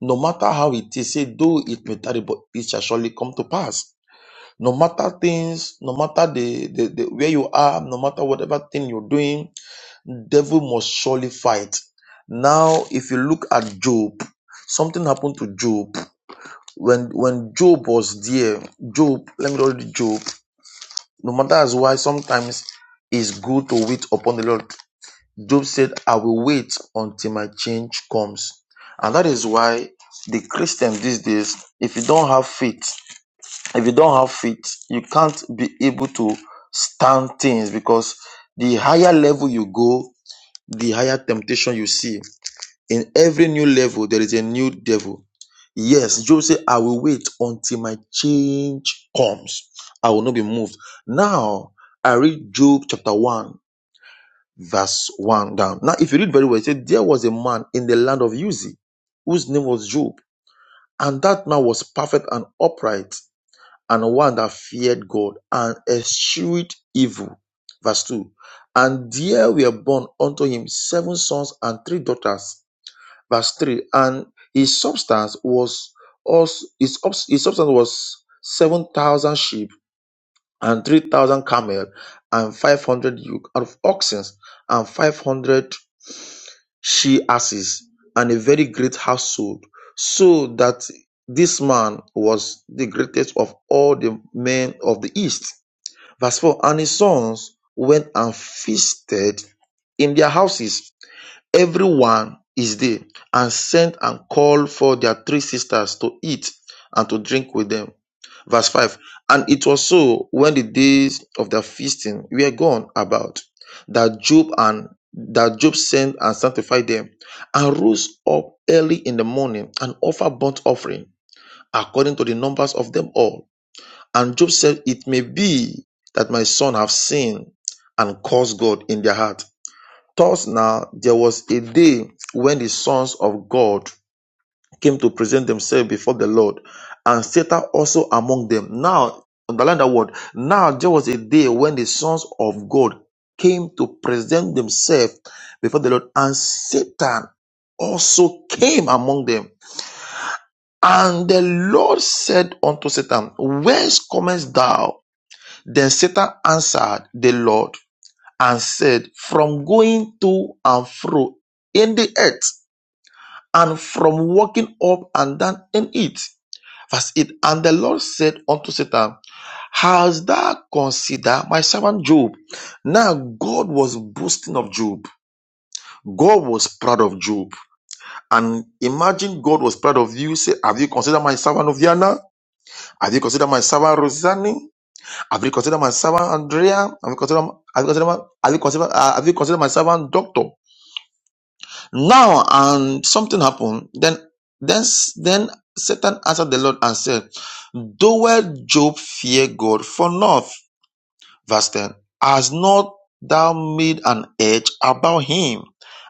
no matter how it is, say though it may tarry, but it shall surely come to pass. No matter things, no matter the, the, the where you are, no matter whatever thing you're doing, devil must surely fight now if you look at job something happened to job when when job was there job let me read job no matter as why sometimes it's good to wait upon the lord job said i will wait until my change comes and that is why the Christians these days if you don't have faith if you don't have faith you can't be able to stand things because the higher level you go the higher temptation you see in every new level, there is a new devil. Yes, Job said, I will wait until my change comes. I will not be moved. Now, I read Job chapter 1, verse 1 down. Now, if you read very well, it said, There was a man in the land of Uzi whose name was Job, and that man was perfect and upright, and one that feared God and eschewed evil. Verse 2 And there were born unto him seven sons and three daughters verse 3 and his substance was also his, subs- his substance was 7000 sheep and 3000 camel and 500 yoke of oxen and 500 she asses and a very great household so that this man was the greatest of all the men of the east verse 4 and his sons went and feasted in their houses Everyone is there, and sent and called for their three sisters to eat and to drink with them. Verse 5 And it was so when the days of their feasting were gone about, that Job and that Job sent and sanctified them, and rose up early in the morning and offered burnt offering according to the numbers of them all. And Job said, It may be that my son have sinned and caused God in their heart Thus now there was a day when the sons of God came to present themselves before the Lord, and Satan also among them. Now, underline that word. Now there was a day when the sons of God came to present themselves before the Lord, and Satan also came among them. And the Lord said unto Satan, Whence comest thou? Then Satan answered the Lord and said, From going to and fro in the earth, and from walking up and down in it. Verse 8 And the Lord said unto Satan, Has thou considered my servant Job? Now God was boasting of Job. God was proud of Job. And imagine God was proud of you. Say, Have you considered my servant Oviana? Have you considered my servant Rosanne? Have you considered my servant Andrea? Have you considered, have you considered, have you considered, uh, have you considered my servant Doctor? Now um something happened. Then then then Satan answered the Lord and said, Doeth Job fear God for naught? Verse 10. Has not thou made an hedge about him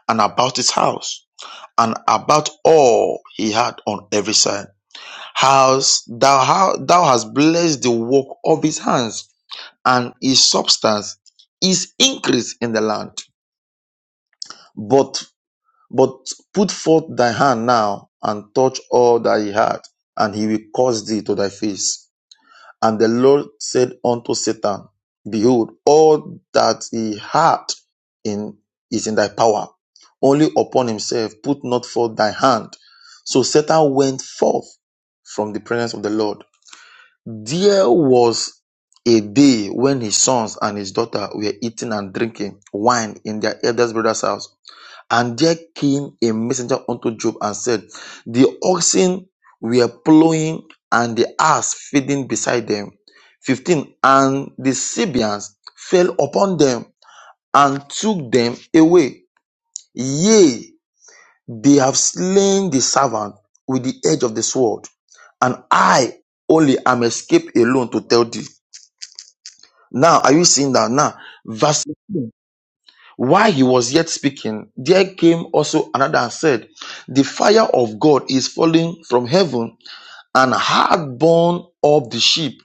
and about his house? And about all he had on every side. House thou, how, thou hast blessed the work of his hands, and his substance is increased in the land. But But put forth thy hand now and touch all that he had, and he will cause thee to thy face. And the Lord said unto Satan, Behold, all that he had in is in thy power. Only upon himself put not forth thy hand. So Satan went forth from the presence of the Lord. There was a day when his sons and his daughter were eating and drinking wine in their eldest brother's house. And there came a messenger unto Job and said, The oxen were plowing and the ass feeding beside them. 15. And the Sabians fell upon them and took them away. Yea, they have slain the servant with the edge of the sword. And I only am escaped alone to tell thee. Now, are you seeing that now? Verse While he was yet speaking, there came also another and said, The fire of God is falling from heaven and had borne up the sheep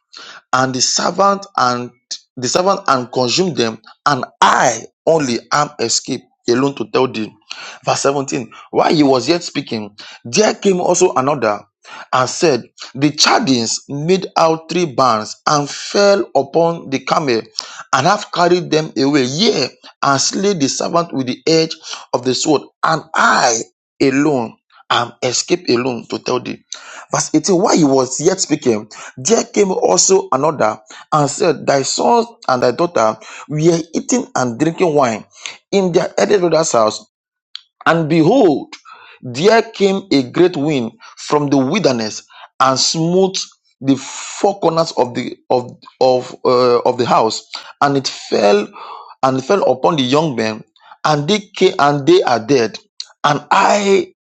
and the servant and the servant and consumed them, and I only am escaped alone to tell thee. Verse 17. While he was yet speaking, there came also another and said, The chardings made out three bands and fell upon the camel and have carried them away, yea, and slay the servant with the edge of the sword, and I alone am escaped alone to tell thee. Verse 18, while he was yet speaking, there came also another and said, Thy son and thy daughter were eating and drinking wine in their elder brother's house. And behold, there came a great wind from the wilderness and smote the four corners of the of of uh, of the house, and it fell and it fell upon the young men, and they came and they are dead, and I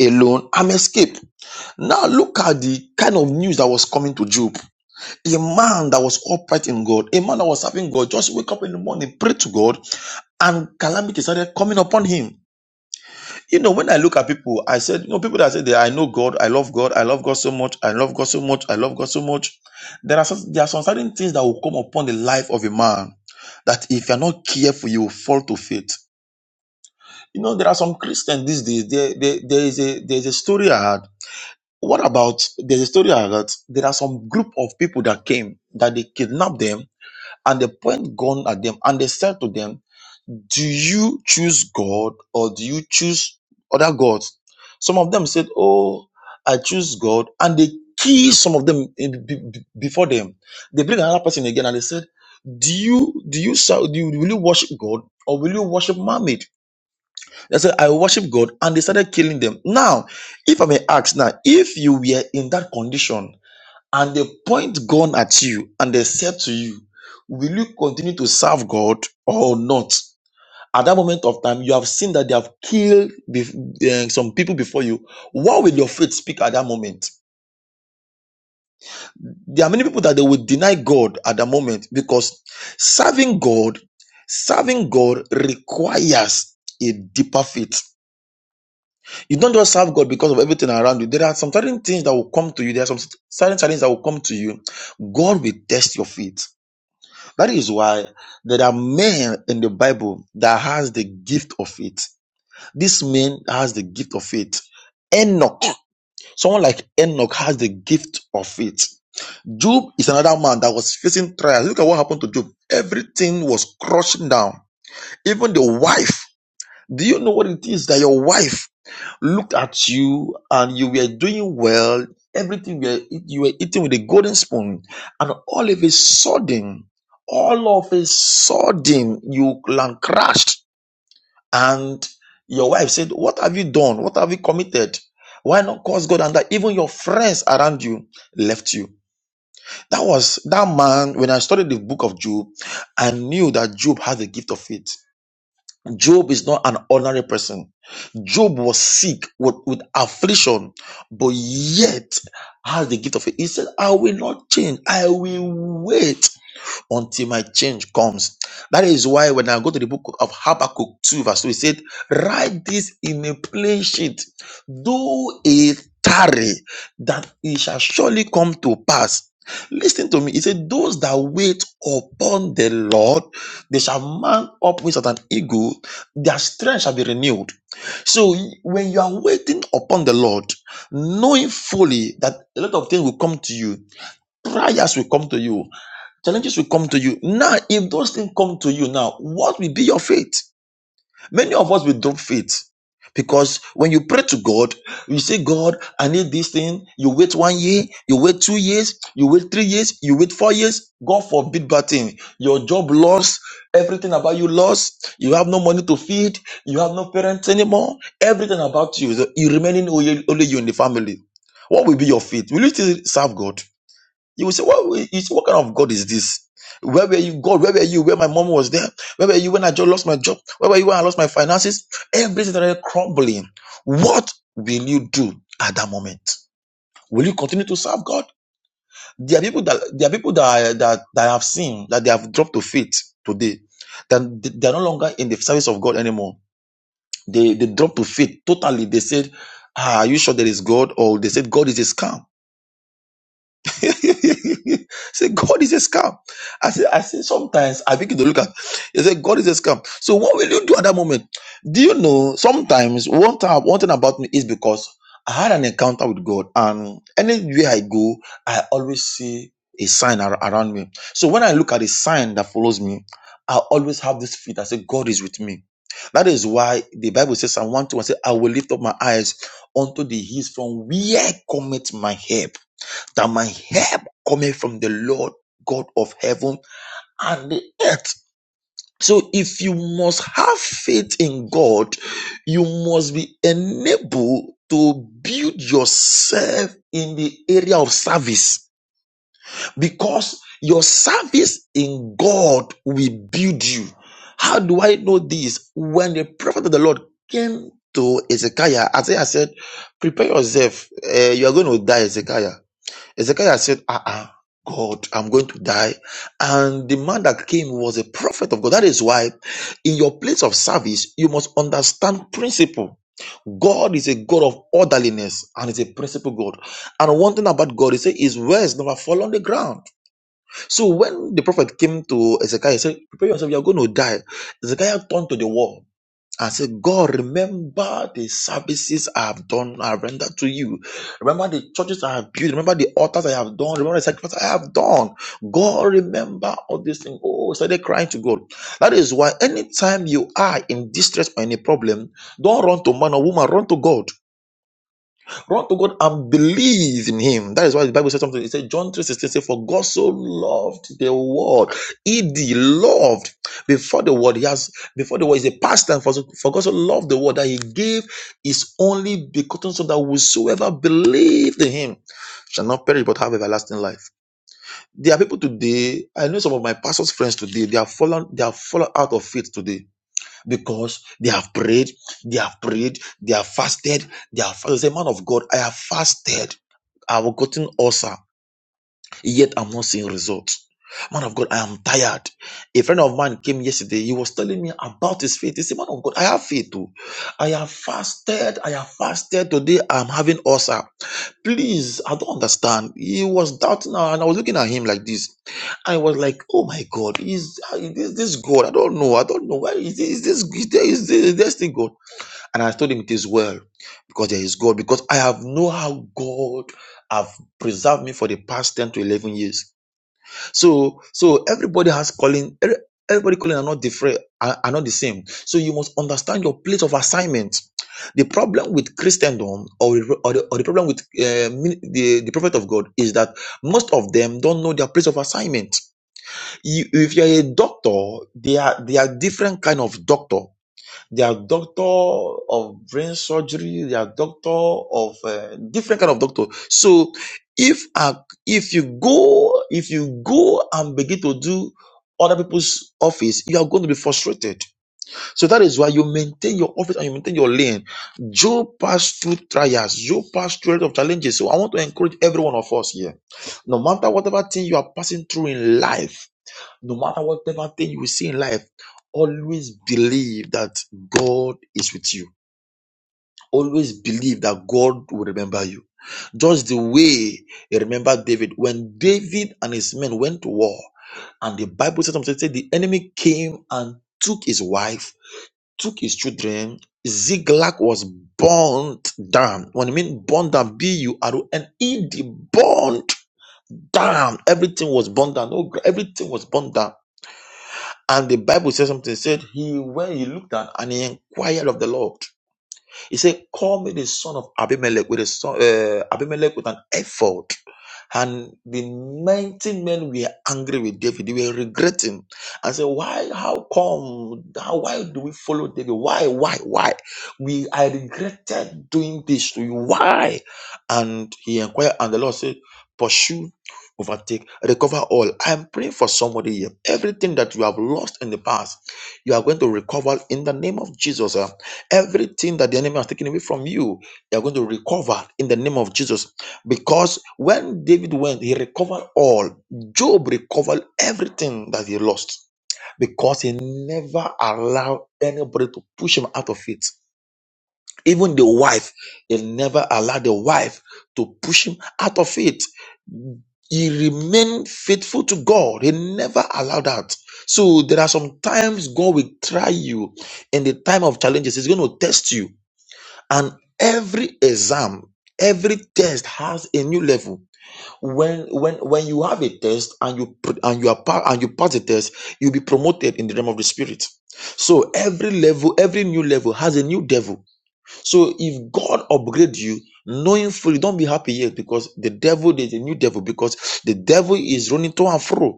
alone am escaped. Now look at the kind of news that was coming to Job. A man that was upright in God, a man that was serving God, just wake up in the morning, pray to God, and calamity started coming upon him. You know, when I look at people, I said, you know, people that say that I know God, I love God, I love God so much, I love God so much, I love God so much. There are some, there are some certain things that will come upon the life of a man that if you're not careful, you will fall to faith. You know, there are some Christians these days. There, there, there is a there is a story I had. What about there's a story I heard. There are some group of people that came that they kidnapped them and they point gun at them and they said to them, "Do you choose God or do you choose other gods?" Some of them said, "Oh, I choose God," and they kill some of them in- be- be- before them. They bring another person again and they said, "Do you do you ser- do you, will you worship God or will you worship mermaid?" They said, I worship God, and they started killing them. Now, if I may ask now, if you were in that condition and they point gun at you and they said to you, Will you continue to serve God or not? At that moment of time, you have seen that they have killed bef- eh, some people before you. What will your faith speak at that moment? There are many people that they will deny God at that moment because serving God, serving God requires a deeper faith You don't just serve God because of everything around you. There are some certain things that will come to you. There are some certain challenges that will come to you. God will test your faith. That is why there are men in the Bible that has the gift of faith. This man has the gift of faith. Enoch, someone like Enoch has the gift of faith. Job is another man that was facing trials. Look at what happened to Job. Everything was crushed down. Even the wife. Do you know what it is that your wife looked at you and you were doing well. Everything you were, you were eating with a golden spoon, and all of a sudden, all of a sudden, you land crashed. And your wife said, What have you done? What have you committed? Why not cause God? And that even your friends around you left you. That was that man. When I studied the book of Job, I knew that Job had the gift of faith. Job is not an ordinary person. Job was sick with, with affliction, but yet has the gift of it. He said, I will not change. I will wait until my change comes. That is why when I go to the book of Habakkuk 2, verse 2, it said, Write this in a plain sheet, do it tarry, that it shall surely come to pass. Listen to me. He said, Those that wait upon the Lord, they shall mount up wings as an eagle, their strength shall be renewed. So when you are waiting upon the Lord, knowing fully that a lot of things will come to you, prayers will come to you, Challenges will come to you. Now, if those things come to you now, what will be your faith? Many of us will drop faith because when you pray to God, you say, God, I need this thing. You wait one year, you wait two years, you wait three years, you wait four years. God forbid bad thing. Your job lost, everything about you lost, you have no money to feed, you have no parents anymore, everything about you. You remaining only only you in the family. What will be your faith? Will you still serve God? You will say, what, you say, what kind of God is this? Where were you, God? Where were you? Where my mom was there? Where were you when I just lost my job? Where were you when I lost my finances? Everything started crumbling. What will you do at that moment? Will you continue to serve God? There are people that there are people that that, that I have seen that they have dropped to faith today. That they they are no longer in the service of God anymore. They they dropped to faith totally. They said, ah, "Are you sure there is God?" Or they said, "God is a scam." say God is a scam. I say, I say sometimes I begin to look at. He said, God is a scam. So what will you do at that moment? Do you know? Sometimes one time, one thing about me is because I had an encounter with God, and anywhere I go, I always see a sign ar- around me. So when I look at a sign that follows me, I always have this feeling. I say, God is with me. That is why the Bible says, "I Psalm 121 say, I will lift up my eyes unto the hills from where cometh my help that my help cometh from the Lord God of heaven and the earth. So if you must have faith in God, you must be enabled to build yourself in the area of service because your service in God will build you. How do I know this? When the prophet of the Lord came to Ezekiah, Isaiah said, Prepare yourself, eh, you are going to die, Ezekiah Hezekiah said, Ah, ah, God, I'm going to die. And the man that came was a prophet of God. That is why, in your place of service, you must understand principle. God is a God of orderliness and is a principle God. And one thing about God, he said, His words never fall on the ground. So when the prophet came to Hezekiah, he said, Prepare yourself, you're going to die. Hezekiah turned to the wall I said, God, remember the services I have done, I have rendered to you. Remember the churches I have built. Remember the altars I have done. Remember the sacrifices I have done. God, remember all these things. Oh, started crying to God. That is why anytime you are in distress or in a problem, don't run to man or woman, run to God. Run to God and believe in Him. That is why the Bible says something. It said, John 3 16 says, For God so loved the world. He loved before the world. He has before the world is a past time for, for God so loved the world that He gave His only begotten Son that whosoever believed in Him shall not perish but have everlasting life. There are people today, I know some of my pastor's friends today, they are fallen, they are fallen out of faith today because they have prayed, they have prayed, they have fasted, they have. As a man of God, I have fasted. I've gotten ulcer. Yet I'm not seeing results. Man of God, I am tired. A friend of mine came yesterday. He was telling me about his faith. He said, Man of God, I have faith too. I have fasted. I have fasted. Today I'm having ulcer. Please, I don't understand. He was doubting and I was looking at him like this. I was like, oh my God, is, is this God? I don't know. I don't know. Why is this, is this, is this, is this thing God? And I told him it is well because there is God, because I have know how God have preserved me for the past 10 to 11 years. So, so everybody has calling, every- everybody calling are not different, are, are not the same. So you must understand your place of assignment. The problem with Christendom or, the- or, the, or the problem with uh, min- the, the prophet of God is that most of them don't know their place of assignment. You, if you're a doctor, they are, they are different kind of doctor they are doctor of brain surgery. They are doctor of uh, different kind of doctor. So if uh, if you go if you go and begin to do other people's office, you are going to be frustrated. So that is why you maintain your office and you maintain your lane. Job passed through trials. Job passed through a lot of challenges. So I want to encourage every one of us here. No matter whatever thing you are passing through in life no matter whatever thing you see in life, always believe that God is with you. Always believe that God will remember you. Just the way He remembered David. When David and his men went to war, and the Bible said, something, said the enemy came and took his wife, took his children. Ziklag was burnt down. When I mean burnt down, B U R O N E D, burnt down. Everything was burnt down. No, gra- everything was burnt down. And the Bible says something, said he when he looked at and he inquired of the Lord. He said, Call me the son of Abimelech with a son, uh, Abimelech with an effort. And the 19 men were angry with David. They were regretting. I said, Why? How come? How, why do we follow David? Why? Why? Why? We I regretted doing this to you. Why? And he inquired, and the Lord said, Pursue, overtake, recover all. I'm praying for somebody here. Everything that you have lost in the past, you are going to recover in the name of Jesus. Everything that the enemy has taken away from you, you are going to recover in the name of Jesus. Because when David went, he recovered all. Job recovered everything that he lost because he never allowed anybody to push him out of it. Even the wife, he never allowed the wife to push him out of it. He remained faithful to God. He never allowed that. So there are some times God will try you in the time of challenges. He's going to test you and every exam every test has a new level when when when you have a test and you pr- and you are pa- and you pass the test you'll be promoted in the realm of the spirit so every level every new level has a new devil so if god upgrade you knowing fully don't be happy yet because the devil there's a new devil because the devil is running to and fro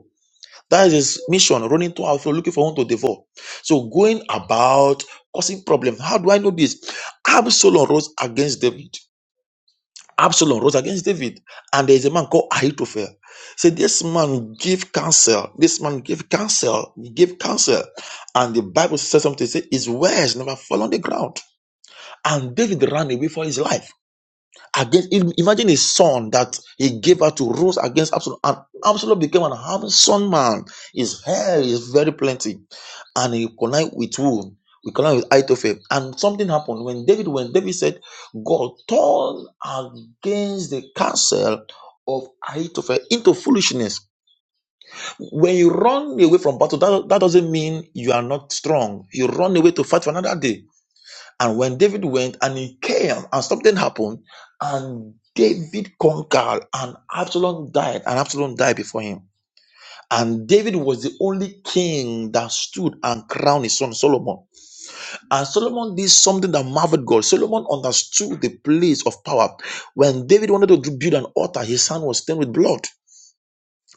that is his mission, running to and fro, looking for one to devour. So going about causing problems. How do I know this? Absalom rose against David. Absalom rose against David, and there is a man called Ahithophel. Say this man give counsel. This man give counsel. He give counsel, and the Bible says something. Say his words never fall on the ground. And David ran away for his life. Against im- imagine his son that he gave her to rose against Absalom, and Absalom became an handsome man. His hair is very plenty and he collide with who? We collide with Ahithophel. And something happened when David when David said, God turned against the counsel of Ahithophel into foolishness. When you run away from battle, that, that doesn't mean you are not strong. You run away to fight for another day. And when David went and he came and something happened, and David conquered and Absalom died, and Absalom died before him. And David was the only king that stood and crowned his son Solomon. Uh, Solomon did something that marveled God. Solomon understood the place of power. When David wanted to build an altar, his hand was stained with blood.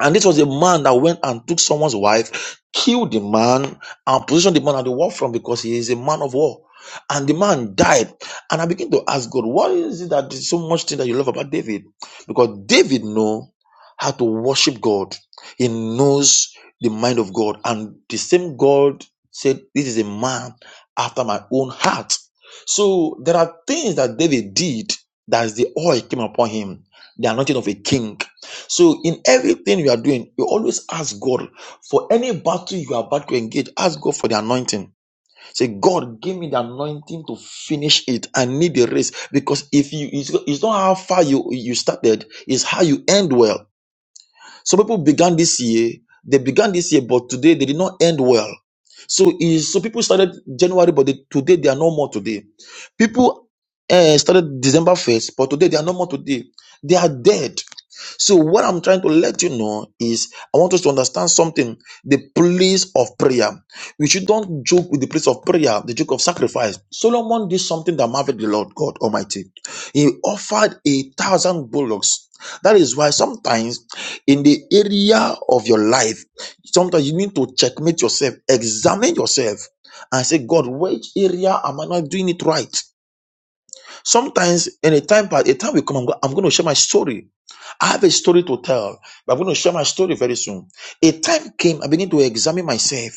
And this was a man that went and took someone's wife, killed the man, and positioned the man at the war front because he is a man of war. And the man died. And I begin to ask God, what is it that is so much thing that you love about David? Because David know how to worship God. He knows the mind of God. And the same God said, This is a man after my own heart. So there are things that David did that is the oil came upon him, the anointing of a king. So in everything you are doing, you always ask God for any battle you are about to engage. Ask God for the anointing. Say, God, give me the anointing to finish it. I need the race because if you, it's it's not how far you you started, it's how you end well. Some people began this year, they began this year, but today they did not end well. So, is so people started January, but they, today they are no more today. People uh, started December 1st, but today they are no more today. They are dead. So, what I'm trying to let you know is I want us to understand something the place of prayer. We should don't joke with the place of prayer, the joke of sacrifice. Solomon did something that marveled the Lord God Almighty. He offered a thousand bullocks. That is why sometimes in the area of your life, sometimes you need to checkmate yourself, examine yourself, and say, God, which area am I not doing it right? Sometimes in a time, part- a time will come, I'm, go- I'm going to share my story. I have a story to tell, but I'm going to share my story very soon. A time came, I began to examine myself,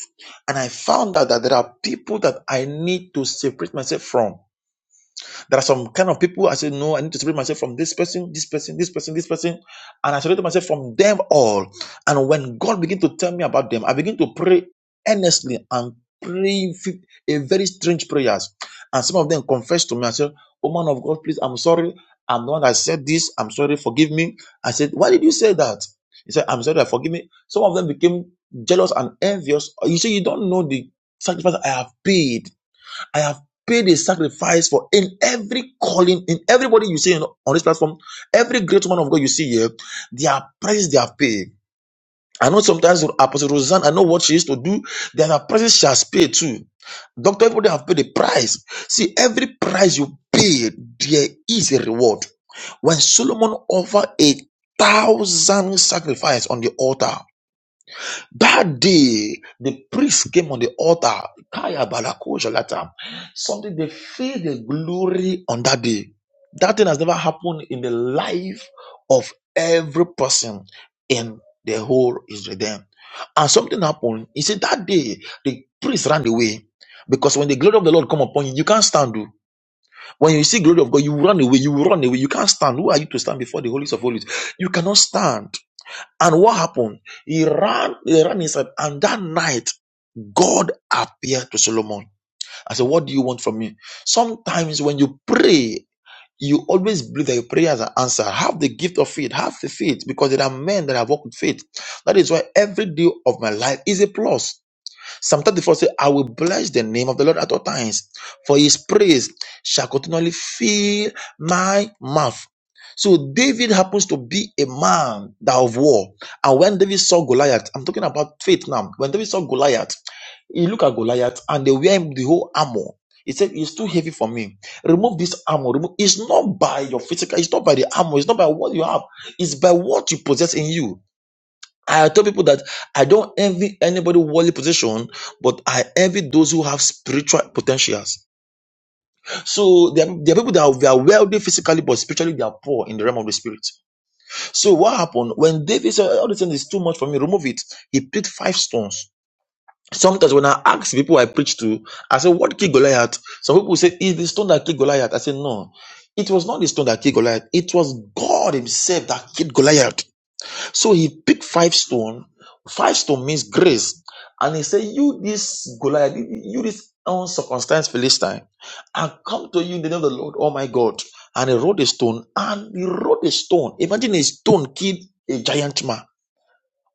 and I found out that there are people that I need to separate myself from. There are some kind of people I say, no, I need to separate myself from this person, this person, this person, this person. And I separated myself from them all. And when God begin to tell me about them, I begin to pray earnestly and praying a very strange prayers. And some of them confessed to me and said, Oh man of God, please, I'm sorry. I'm the one that said this. I'm sorry. Forgive me. I said, Why did you say that? He said, I'm sorry. Forgive me. Some of them became jealous and envious. You see, you don't know the sacrifice I have paid I have paid a sacrifice for in every calling, in everybody you see on this platform, every great man of God you see here, their price they have paid. I know sometimes Apostle Roseanne, I know what she used to do, there are prices she has paid too. Doctor, everybody have paid a price. See, every price you pay, there is a reward. When Solomon offered a thousand sacrifices on the altar, that day, the priest came on the altar. Kaya balakosha latam. Something they feel the glory on that day. That thing has never happened in the life of every person in the whole Israel. Then. And something happened. He said that day the priest ran away. Because when the glory of the Lord come upon you, you can't stand. oh. When you see glory of God, you will run away, you will run away, you can't stand. Who are you to stand before the holies of holies? You cannot stand. And what happened? He ran, he ran inside, and that night, God appeared to Solomon. I said, What do you want from me? Sometimes when you pray, you always believe that your prayers are answered. Have the gift of faith, have the faith, because there are men that have walked with faith. That is why every day of my life is a plus. Psalm 34 says, I will bless the name of the Lord at all times, for his praise shall continually fill my mouth. So David happens to be a man that of war. And when David saw Goliath, I'm talking about faith now. When David saw Goliath, he looked at Goliath and they wear him the whole armor. He said, It's too heavy for me. Remove this armor. Remove. It's not by your physical, it's not by the armor, it's not by what you have, it's by what you possess in you. I tell people that I don't envy anybody worldly position, but I envy those who have spiritual potentials. So there are, there are people that are, they are wealthy physically, but spiritually they are poor in the realm of the spirit. So what happened when David said, "All this thing is too much for me. Remove it." He picked five stones. Sometimes when I ask people I preach to, I say, "What killed Goliath?" Some people say, "It's the stone that killed Goliath." I say, "No." It was not the stone that killed Goliath. It was God Himself that killed Goliath. So he picked five stone. Five stone means grace. And he said, You this Goliath, you this uncircumcised Philistine, I come to you in the name of the Lord, oh my God. And he rolled a stone and he rolled a stone. Imagine a stone killed a giant man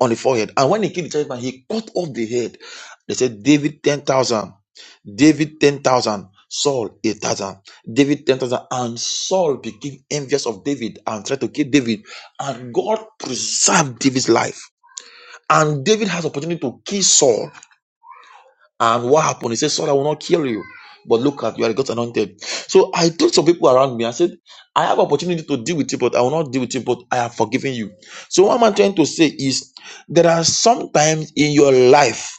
on the forehead. And when he killed the churchman, he cut off the head. They said, David 10,000, David 10,000, Saul 8,000, David 10,000. And Saul became envious of David and tried to kill David. And God preserved David's life. And David has opportunity to kill Saul and what happened? He said, Sorry, I will not kill you. But look at you, I got anointed. So I told some people around me, I said, I have opportunity to deal with you, but I will not deal with you, but I have forgiven you. So what am I trying to say is there are sometimes in your life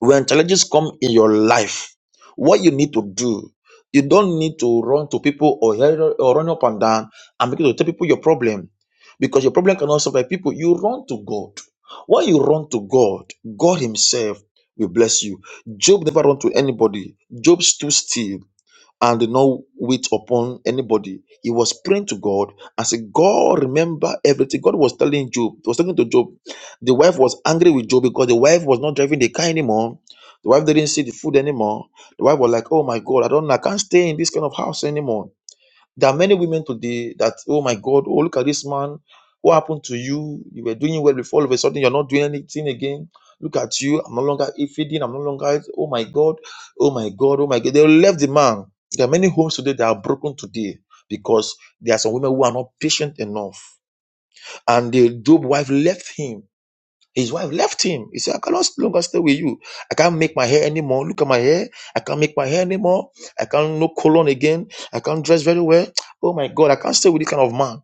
when challenges come in your life, what you need to do, you don't need to run to people or, hurry- or run up and down and begin to tell people your problem because your problem cannot solve by people. You run to God. When you run to God, God Himself will bless you. Job never run to anybody. Job stood still and did not wait upon anybody. He was praying to God and said, God, remember everything. God was telling Job, was talking to Job. The wife was angry with Job because the wife was not driving the car anymore. The wife didn't see the food anymore. The wife was like, Oh my God, I don't I can't stay in this kind of house anymore. There are many women today that, oh my God, oh look at this man. What happened to you? You were doing well before. All of a sudden, you're not doing anything again. Look at you. I'm no longer feeding. I'm no longer. Oh my God. Oh my God. Oh my God. They left the man. There are many homes today that are broken today because there are some women who are not patient enough. And the Job wife left him his wife left him. He said, I cannot no longer stay with you. I can't make my hair anymore. Look at my hair. I can't make my hair anymore. I can't no colon again. I can't dress very well. Oh my God, I can't stay with this kind of man.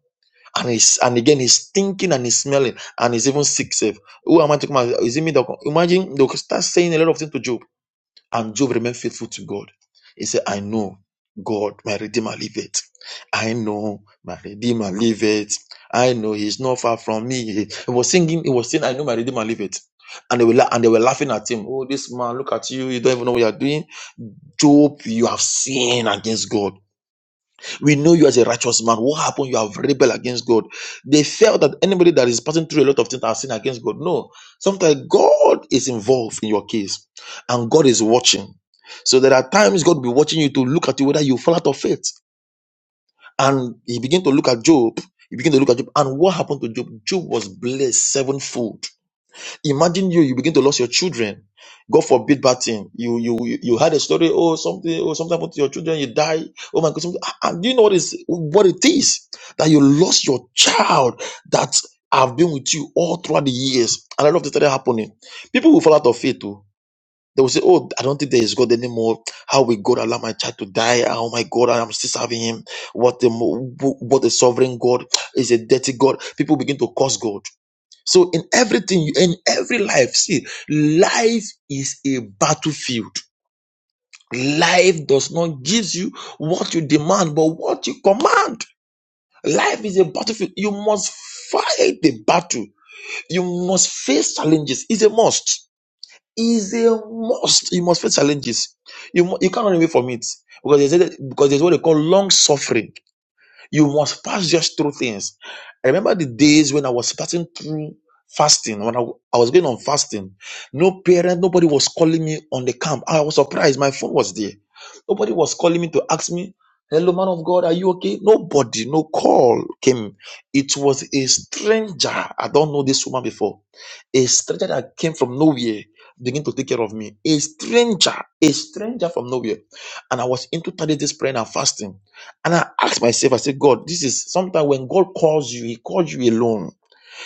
And he's and again he's stinking and he's smelling and he's even sick safe. Who am I talking about? Is it me? that- Imagine they'll start saying a lot of things to Job and Job remained faithful to God. He said, I know God, my Redeemer liveth. I know my Redeemer liveth. I know he's not far from me. He was singing, he was saying, I know my Redeemer liveth. And they were la- and they were laughing at him. Oh, this man, look at you. You don't even know what you're doing. Job, you have sinned against God. We know you as a righteous man. What happened? You have rebelled against God. They felt that anybody that is passing through a lot of things are sin against God. No. Sometimes God is involved in your case and God is watching. So there are times God will be watching you to look at you whether you fall out of faith. And he began to look at Job. He began to look at Job. And what happened to Job? Job was blessed sevenfold Imagine you, you begin to lose your children. God forbid bad thing. You you you had a story, oh something, oh something happened to your children, you die. Oh my God, something. Ah, ah, do you know what is what it is that you lost your child that have been with you all throughout the years? And a lot of things started happening. People will fall out of faith too. They will say, Oh, I don't think there is God anymore. How will God allow my child to die? Oh my God, I'm still serving him. What a, mo- what a sovereign God is a dirty God. People begin to curse God so in everything, you in every life, see, life is a battlefield. Life does not give you what you demand, but what you command. Life is a battlefield. You must fight the battle. You must face challenges. It's a must. It's a must. You must face challenges. You mu- you can't run away from it because there's a, because there's what they call long suffering. You must pass just through things. I remember the days when I was passing through fasting, when I, I was going on fasting. No parent, nobody was calling me on the camp. I was surprised. My phone was there. Nobody was calling me to ask me, Hello, man of God, are you okay? Nobody, no call came. It was a stranger. I don't know this woman before. A stranger that came from nowhere begin to take care of me. A stranger, a stranger from nowhere. And I was into 30 days praying and fasting. And I asked myself, I said, God, this is sometimes when God calls you, He calls you alone.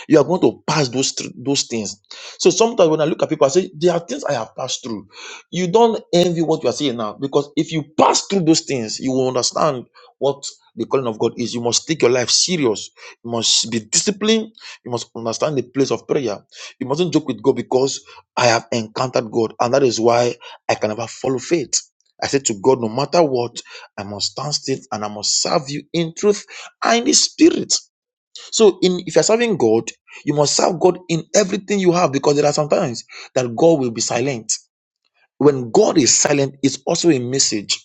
You are going to pass those thr- those things. So sometimes when I look at people, I say there are things I have passed through. You don't envy what you are seeing now because if you pass through those things, you will understand what the calling of God is. You must take your life serious. You must be disciplined. You must understand the place of prayer. You mustn't joke with God because I have encountered God, and that is why I can never follow faith. I said to God, no matter what, I must stand still and I must serve you in truth and in the spirit. So, in if you're serving God, you must serve God in everything you have because there are some times that God will be silent. When God is silent, it's also a message.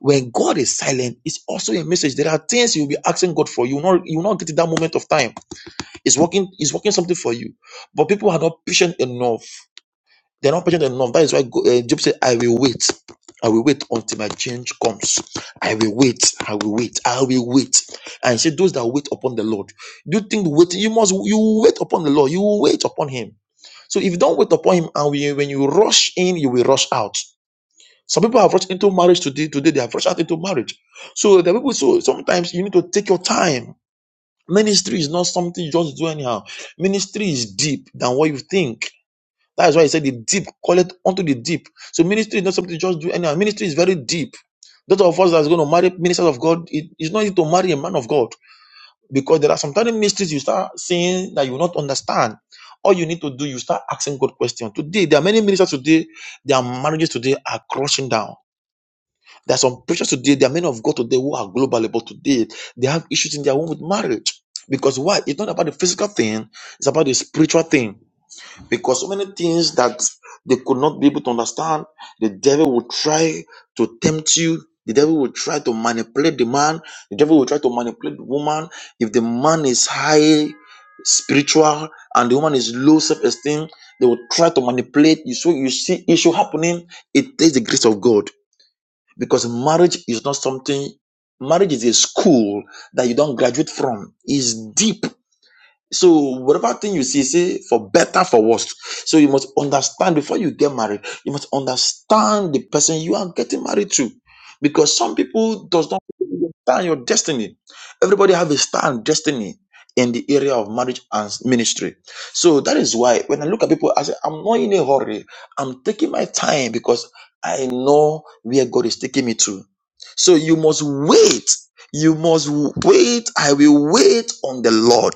When God is silent, it's also a message. There are things you'll be asking God for. You will not you will not get to that moment of time. It's working, it's working something for you. But people are not patient enough. They're not patient enough. That is why Go- eh, Job said, I will wait. I will wait until my change comes. I will wait. I will wait. I will wait. And he said, Those that wait upon the Lord. Do you think waiting? You must you will wait upon the Lord. You will wait upon him. So if you don't wait upon him, and we, when you rush in, you will rush out. Some people have rushed into marriage today. Today they have rushed out into marriage. So the people. So sometimes you need to take your time. Ministry is not something you just do anyhow. Ministry is deep than what you think that is why he said the deep call it unto the deep. So ministry is not something to just do anyhow. Ministry is very deep. Those of us that's going to marry ministers of God, it is not easy to marry a man of God because there are some certain mysteries you start seeing that you will not understand. All you need to do, you start asking God questions. Today, there are many ministers today, their marriages today are crushing down. There are some preachers today, there are men of God today who are global, but today they have issues in their own with marriage. Because why? It's not about the physical thing, it's about the spiritual thing. Because so many things that they could not be able to understand, the devil will try to tempt you. The devil will try to manipulate the man. The devil will try to manipulate the woman. If the man is high spiritual and the woman is low self-esteem, they will try to manipulate you. So you see issue happening. It takes the grace of God because marriage is not something. Marriage is a school that you don't graduate from. It's deep so whatever thing you see, say for better, for worse. So you must understand before you get married. You must understand the person you are getting married to, because some people does not understand your destiny. Everybody have a star and destiny in the area of marriage and ministry. So that is why when I look at people, I say I'm not in a hurry. I'm taking my time because I know where God is taking me to. So you must wait. You must wait. I will wait on the Lord.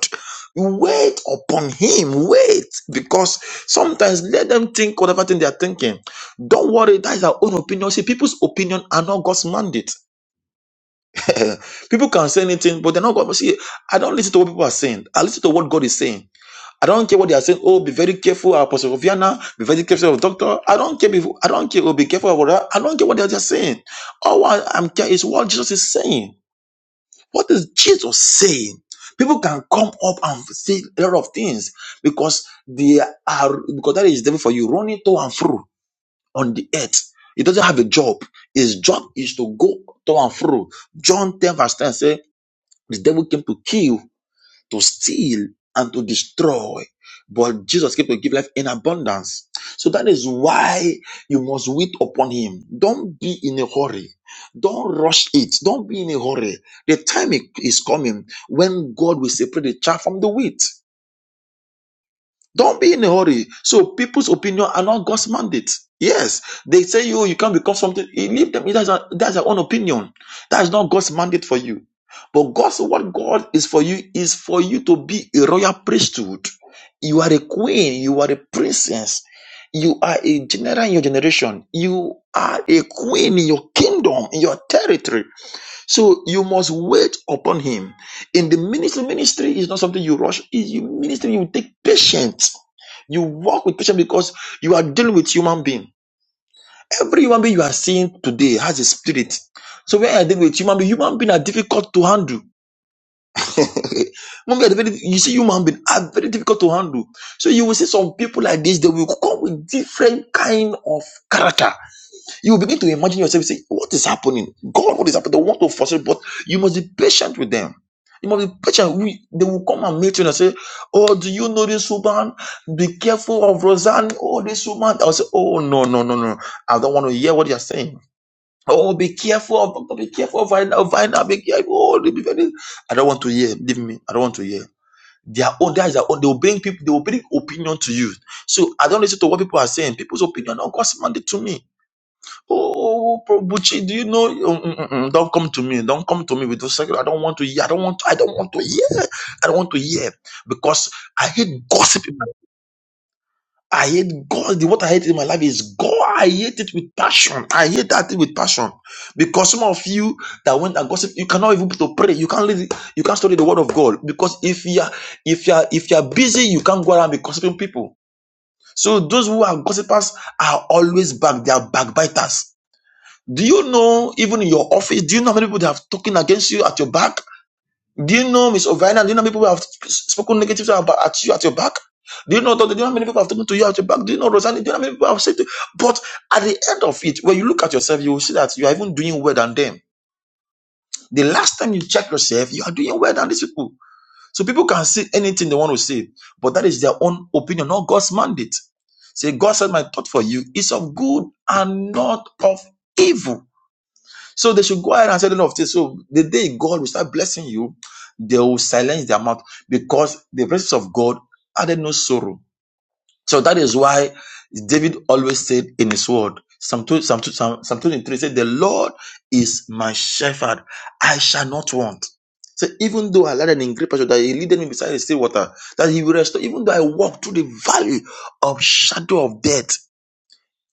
Wait upon him. Wait. Because sometimes let them think whatever thing they are thinking. Don't worry, that is our own opinion. See, people's opinion are not God's mandate. people can say anything, but they're not God. See, I don't listen to what people are saying. I listen to what God is saying. I don't care what they are saying. Oh, be very careful, Apostle of Vienna. Be very careful, of Doctor. I don't care. If, I don't care. Oh, be careful about that. I don't care what they are just saying. All I, I'm care is what Jesus is saying. What is Jesus saying? People can come up and say a lot of things because they are because that is devil for you running to and fro on the earth. He doesn't have a job. His job is to go to and fro. John 10 verse 10 says the devil came to kill to steal and to destroy. But Jesus came to give life in abundance. So that is why you must wait upon him. Don't be in a hurry. Don't rush it. Don't be in a hurry. The time is coming when God will separate the chaff from the wheat. Don't be in a hurry. So people's opinion are not God's mandate. Yes, they say you you can't become something. Leave them. That's a, that's their own opinion. That is not God's mandate for you. But God's what God is for you is for you to be a royal priesthood. You are a queen. You are a princess. You are a general in your generation. You are a queen in your kingdom, in your territory. So you must wait upon him. In the ministry, ministry is not something you rush. Is you ministry, you take patience. You walk with patience because you are dealing with human being. Every human being you are seeing today has a spirit. So when I deal with human being, human being are difficult to handle. Human being are very- you see, human being are very difficult to handle. So you will see some people like this, they will come with different kind of character you begin to imagine yourself say, What is happening? God, what is happening? They want to force it, but you must be patient with them. You must be patient. We, they will come and meet you and say, Oh, do you know this woman? Be careful of Roseanne. Oh, this woman. I'll say, Oh, no, no, no, no. I don't want to hear what you're saying. Oh, be careful of be careful of Vina, Vina, be careful. Oh, they be very-" I don't want to hear. Leave me. I don't want to hear. Their own, that is their own. They will bring people, they will bring opinion to you. So I don't listen to what people are saying. People's opinion Oh, not God's mandate to me. Oh, oh, oh, Bro Bucci, do you know? Mm, mm, mm, mm, Don't come to me. Don't come to me with those. secret- I don't want to hear. I don't want. To, I don't want to hear. I don't want to hear because I hate gossip. in my- I hate God. What I hate in my life is God. I hate it with passion. I hate that thing with passion because some of you that went and gossip, you cannot even to pray. You can't read. You can't study the Word of God because if you are if you are if you are busy, you can't go around be gossiping people. So those who are gossipers are always back. They are backbiters do you know, even in your office, do you know how many people that have spoken against you at your back? Do you know, Miss Ovina, do you know how many people have spoken negative about at you at your back? Do you know, do you know how many people have spoken to you at your back? Do you know, Rosanna, do you know how many people have said to you? But at the end of it, when you look at yourself, you will see that you are even doing well than them. The last time you check yourself, you are doing well than these people. So people can say anything they want to say, but that is their own opinion, not God's mandate. Say, God said my thought for you is of good and not of evil so they should go ahead and say enough things. So the day God will start blessing you, they will silence their mouth because the presence of God added no sorrow. So that is why David always said in his word, Psalm 2 Psalm 2 Psalm, Psalm 23 said, The Lord is my shepherd, I shall not want. So even though I led an great pasture, that he leaded me beside the still water, that he will restore, even though I walk through the valley of shadow of death,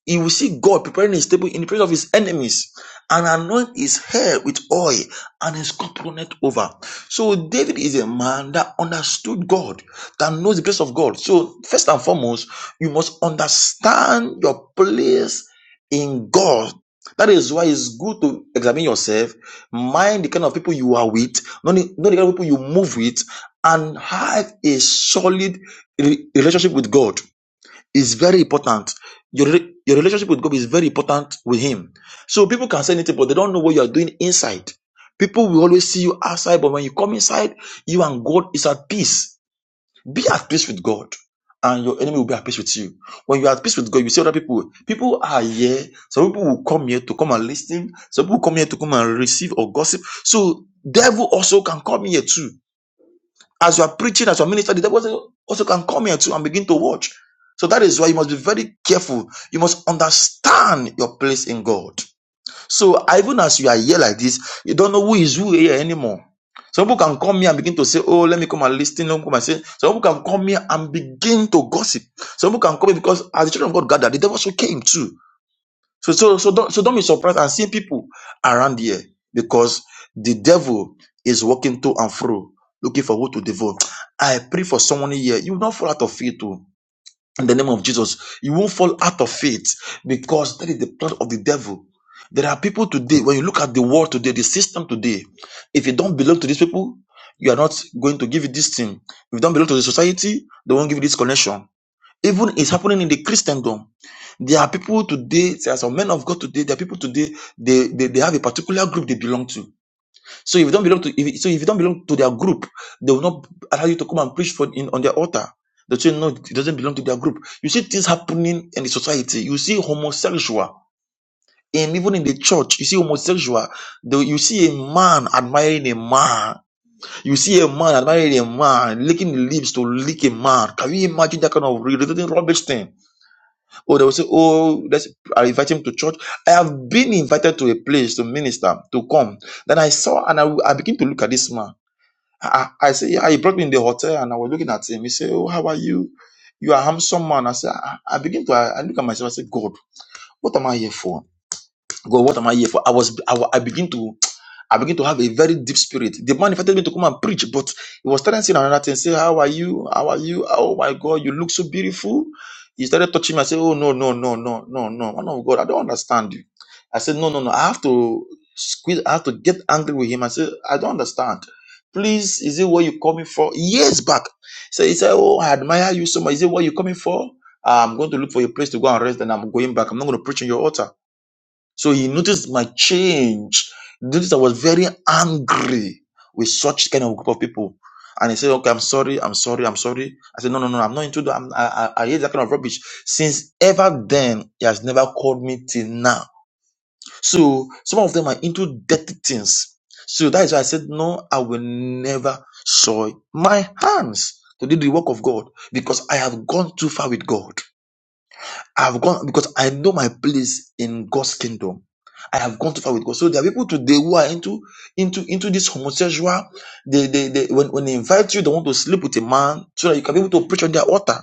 he will see God preparing his table in the presence of his enemies and anoint his hair with oil and his cup runneth over. So David is a man that understood God, that knows the place of God. So first and foremost, you must understand your place in God. That is why it's good to examine yourself, mind the kind of people you are with, know the, know the kind of people you move with, and have a solid re- relationship with God is very important. Your, re- your relationship with God is very important with Him. So people can say anything, but they don't know what you are doing inside. People will always see you outside, but when you come inside, you and God is at peace. Be at peace with God, and your enemy will be at peace with you. When you are at peace with God, you see other people. People are here. Some people will come here to come and listen. Some people come here to come and receive or gossip. So devil also can come here too. As you are preaching, as you are ministering, the devil also also can come here too and begin to watch. So that is why you must be very careful. You must understand your place in God. So even as you are here like this, you don't know who is who here anymore. Some people can come here and begin to say, Oh, let me come and listen. Let me come and say. Some people can come here and begin to gossip. Some people can come here because as the children of God gathered, the devil also came too. So, so, so don't, so don't be surprised at seeing people around here because the devil is walking to and fro looking for who to devote. I pray for someone here. You will not fall out of faith too. In the name of Jesus, you won't fall out of faith because that is the plan of the devil. There are people today, when you look at the world today, the system today, if you don't belong to these people, you are not going to give you this thing. If you don't belong to the society, they won't give you this connection. Even it's happening in the Christendom there are people today, there are some men of God today, there are people today, they, they, they have a particular group they belong to. So if you don't belong to if, so if you don't belong to their group, they will not allow you to come and preach for in on their altar. They say no, it doesn't belong to their group. You see things happening in the society. You see homosexual, and even in the church, you see homosexual. Though you see a man admiring a man, you see a man admiring a man, licking the lips to lick a man. Can you imagine that kind of re- re- rubbish thing? Oh, they will say, Oh, let's I invite him to church. I have been invited to a place to minister, to come. Then I saw and I, I begin to look at this man. I, I I say, yeah, he brought me in the hotel and I was looking at him. He said, Oh, how are you? You are a handsome man. I said, I, I begin to I, I look at myself. I said, God, what am I here for? God, what am I here for? I was I, wa- I begin to I begin to have a very deep spirit. The man invited me to come and preach, but he was starting saying another thing. Say, how are you? How are you? Oh my God, you look so beautiful. He started touching me. I said, oh no, no, no, no, no, no. Man of God, I don't understand you. I said, no, no, no. I have to squeeze. I have to get angry with him. I said, I don't understand. Please, is it what you coming for? Years back. So he said, oh, I admire you so much. Is it what you coming for? Ah, I'm going to look for a place to go and rest, and I'm going back. I'm not going to preach in your altar. So he noticed my change. He Noticed I was very angry with such kind of group of people. And he said, okay, I'm sorry, I'm sorry, I'm sorry. I said, no, no, no, I'm not into that. I'm, I, I, I hate that kind of rubbish. Since ever then, he has never called me till now. So some of them are into dirty things. So that is why I said, no, I will never soil my hands to do the work of God because I have gone too far with God. I've gone because I know my place in God's kingdom. I have gone too far with God. So there are people today who are into into into this homosexual. They they, they when, when they invite you, they want to sleep with a man so that you can be able to preach on their altar.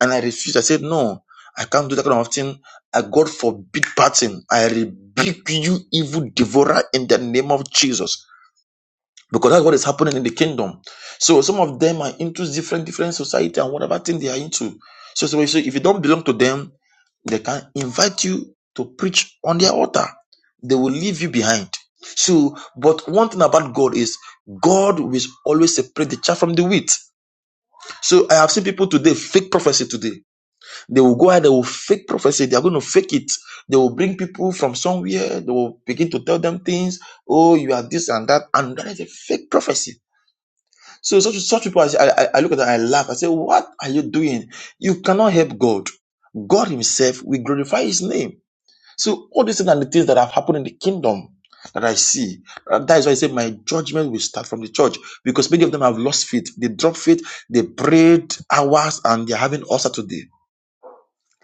And I refused. I said, No, I can't do that kind of thing. I God forbid parting. I rebuke you, evil devourer, in the name of Jesus. Because that's what is happening in the kingdom. So some of them are into different different society and whatever thing they are into. So, so so if you don't belong to them, they can invite you to preach on their altar. They will leave you behind. So, but one thing about God is God will always separate the chaff from the wheat. So I have seen people today fake prophecy today. They will go ahead, they will fake prophecy, they are going to fake it. They will bring people from somewhere, they will begin to tell them things. Oh, you are this and that, and that is a fake prophecy. So such such people, I, I, I look at them, I laugh. I say, What are you doing? You cannot help God. God Himself will glorify His name. So all these things are the things that have happened in the kingdom that I see. Uh, That is why I say my judgment will start from the church because many of them have lost faith. They dropped faith. They prayed hours and they're having ulcer today.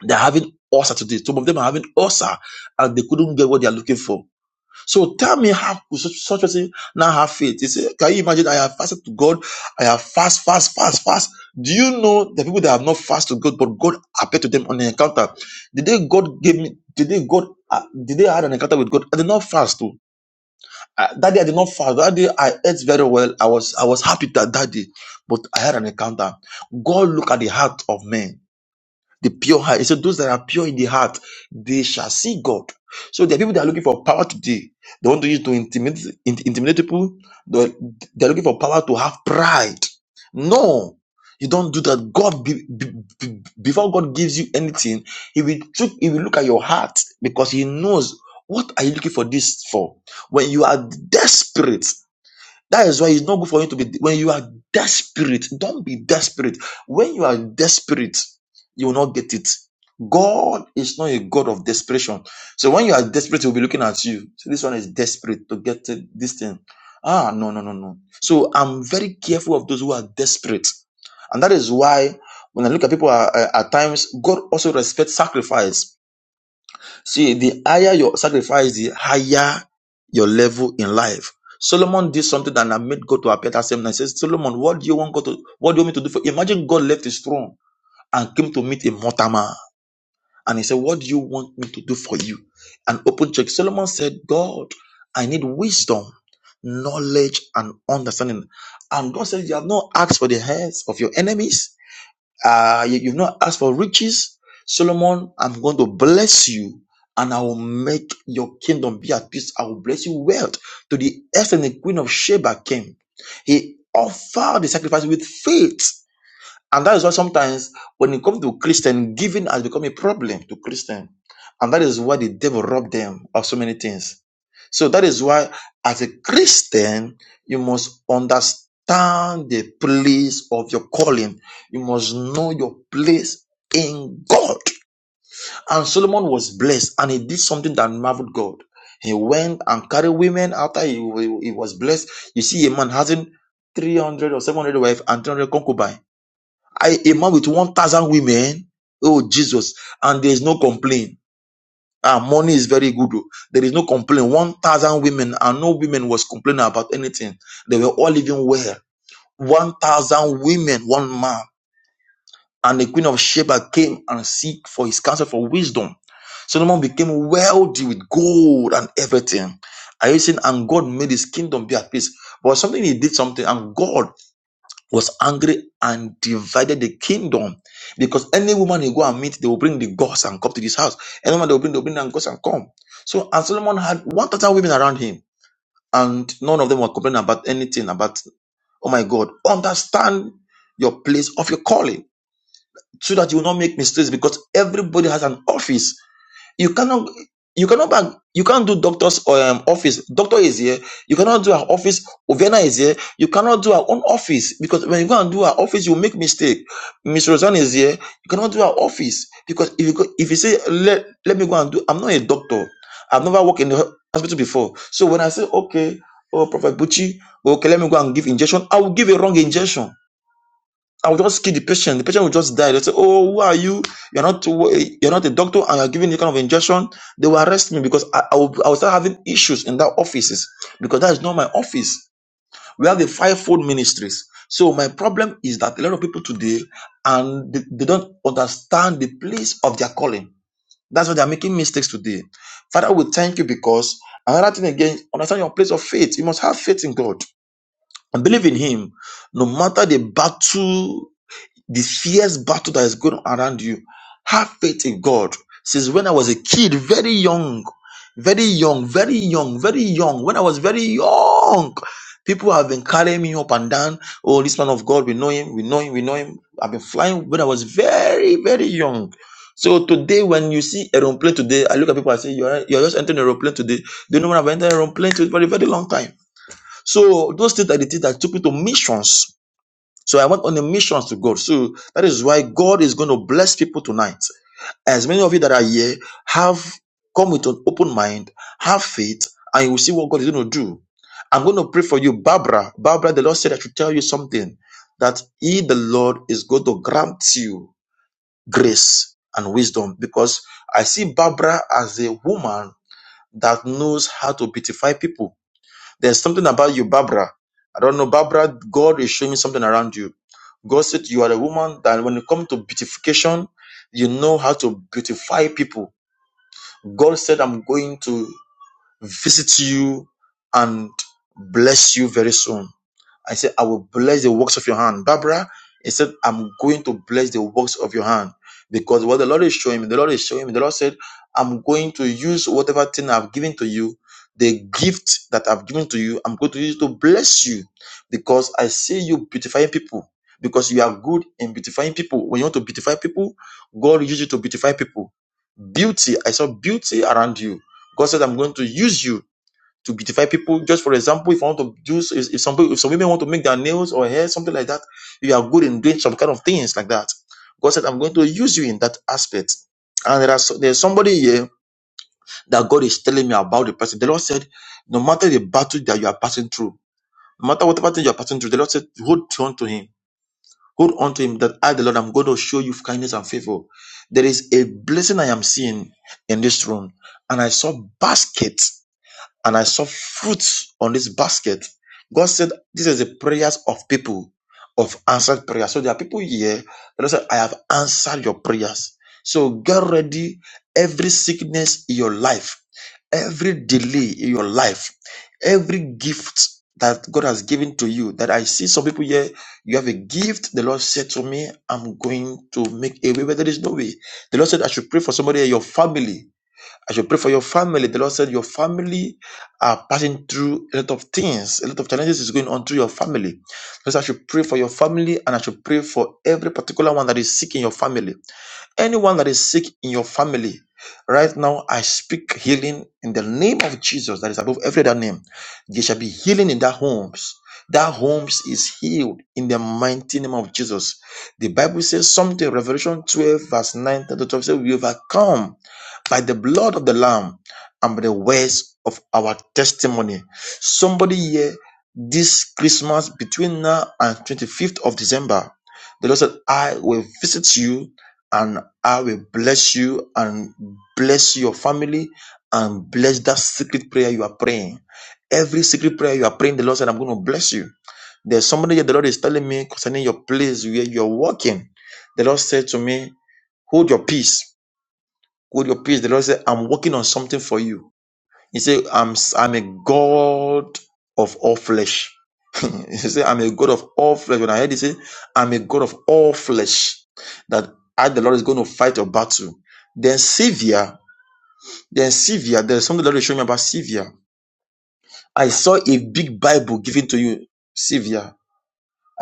They're having ulcer today. Some of them are having ulcer and they couldn't get what they are looking for. So tell me how could such such person now have faith? He said, Can you imagine? I have fasted to God. I have fast, fast, fast, fast. Do you know the people that have not fasted to God, but God appeared to them on an encounter? Did they God gave me? Did they God? Uh, did they had an encounter with God? I did not fast too. Uh, that day I did not fast. That day I ate very well. I was I was happy that that day, but I had an encounter. God look at the heart of men. The pure heart. He said, Those that are pure in the heart, they shall see God. So there are people that are looking for power today. They want to use to intimidate, in- intimidate people. They're, they're looking for power to have pride. No, you don't do that. God, be, be- be- before God gives you anything, He will look, He will look at your heart because He knows what are you looking for this for. When you are desperate that is why it's not good for you to be when you are desperate. Don't be desperate. When you are desperate, you will not get it. God is not a God of desperation. So when you are desperate, he'll be looking at you. So this one is desperate to get it- this thing. Ah, no, no, no, no. So I'm very careful of those who are desperate. And that is why when I look at people uh, uh, at times, God also respects sacrifice. See, the higher your sacrifice, the higher your level in life. Solomon did something that made God to appear that same night. He says, Solomon, what do you want God to what do you want me to do for you? Imagine God left his throne and came to meet a mortal man. And he said, What do you want me to do for you? And open check. Solomon said, God, I need wisdom, knowledge, and understanding. And God said, You have not asked for the heads of your enemies uh, you, you've not asked for riches. Solomon, I'm going to bless you and I will make your kingdom be at peace. I will bless you Well, To the earth the queen of Sheba came. He offered the sacrifice with faith and that is why sometimes when it comes to Christian, giving has become a problem to Christian. And that is why the devil robbed them of so many things. So that is why as a Christian, you must understand the place of your calling. You must know your place in God. And Solomon was blessed and he did something that marveled God. He went and carried women after he, he was blessed. You see, a man having 300 or 700 wives and 300 concubines. I, a man with 1,000 women, oh Jesus, and there is no complaint. Ah, money is very good. oh. There is no complaint. 1,000 women, and no women was complaining about anything. They were all living well. 1,000 women, one man. And the queen of Sheba came and seek for his counsel for wisdom. Solomon became wealthy with gold and everything. Are you saying? And God made his kingdom be at peace. But something he did something, and God was angry and divided the kingdom because any woman you go and meet, they will bring the gods and come to this house. Any woman they will bring, they will bring the gods and come. So, and Solomon had 1,000 women around him, and none of them were complaining about anything about, oh my God, understand your place of your calling so that you will not make mistakes because everybody has an office you cannot you cannot back, you can't do doctor's um, office. Doctor is here. You cannot do our office. Ovena is here. You cannot do our own office because when you go and do our office, you make mistake. Miss Rosanne is here. You cannot do our office because if you go, if you say let let me go and do, I'm not a doctor. I've never worked in the hospital before. So when I say okay, oh Prophet Bucci, okay, let me go and give injection. I will give a wrong injection I will just kill the patient. The patient will just die. They say, "Oh, who are you? You're not you're not a doctor, and you're giving the kind of injection." They will arrest me because I, I will I will start having issues in that offices because that is not my office. We have the fivefold ministries. So my problem is that a lot of people today and they, they don't understand the place of their calling. That's why they are making mistakes today. Father, we thank you because another thing again, understand your place of faith. You must have faith in God and believe in Him, no matter the battle this fierce battle that is going on around you. Have faith in God. Since when I was a kid, very young, very young, very young, very young, when I was very young, people have been carrying me up and down. Oh, this man of God, we know him, we know him, we know him. I've been flying when I was very, very young. So today, when you see aeroplane today, I look at people and say, you're, you're just entering aeroplane today. They know when I've entered aeroplane today for a very long time. So those things are the things that took me to missions so I went on a mission to God. So that is why God is going to bless people tonight. As many of you that are here have come with an open mind, have faith, and you will see what God is going to do. I'm going to pray for you, Barbara. Barbara, the Lord said I should tell you something that He, the Lord, is going to grant you grace and wisdom because I see Barbara as a woman that knows how to beautify people. There's something about you, Barbara. I don't know, Barbara. God is showing me something around you. God said you are a woman that when it comes to beautification, you know how to beautify people. God said, I'm going to visit you and bless you very soon. I said, I will bless the works of your hand. Barbara, he said, I'm going to bless the works of your hand. Because what the Lord is showing me, the Lord is showing me, the Lord said, I'm going to use whatever thing I've given to you, the gift that I've given to you, I'm going to use to bless you. Because I see you beautifying people. Because you are good in beautifying people. When you want to beautify people, God uses you to beautify people. Beauty, I saw beauty around you. God said, I'm going to use you to beautify people. Just for example, if I want to do, if, if some if some women want to make their nails or hair, something like that, you are good in doing some kind of things like that. God said, I'm going to use you in that aspect. And there are, so- there's somebody here that God is telling me about the person. The Lord said, no matter the battle that you are passing through, no matter whatever thing you are passing through, the Lord said, hold on to him. Hold on to him that I, the Lord, I'm going to show you kindness and favor. There is a blessing I am seeing in this room. And I saw baskets and I saw fruits on this basket. God said, This is the prayers of people of answered prayer. So there are people here that said, I have answered your prayers. So get ready, every sickness in your life, every delay in your life, every gift that God has given to you. That I see some people here, you have a gift. The Lord said to me, I'm going to make a way where there is no way. The Lord said, I should pray for somebody in your family I should pray for your family. The Lord said your family are passing through a lot of things, a lot of challenges is going on through your family. Because I should pray for your family and I should pray for every particular one that is sick in your family. Anyone that is sick in your family, right now, I speak healing in the name of Jesus that is above every other name. There shall be healing in that homes. That homes is healed in the mighty name of Jesus. The Bible says something, Revelation 12, verse 9 to 12 says, We overcome by the blood of the Lamb and by the words of our testimony. Somebody here this Christmas between now and 25th of December, the Lord said, I will visit you and I will bless you and bless your family and bless that secret prayer you are praying. Every secret prayer you are praying, the Lord said, I'm going to bless you. There's somebody that the Lord is telling me concerning your place where you're working. The Lord said to me, Hold your peace. Hold your peace. The Lord said, I'm working on something for you. He said, I'm, i I'm a God of all flesh. he said, I'm a God of all flesh. When I heard he say, I'm a God of all flesh, that I, the Lord, is going to fight a battle. Then Sivia, then Sivia, there's something the Lord is showing me about Sivia. I saw a big Bible given to you, Sivia.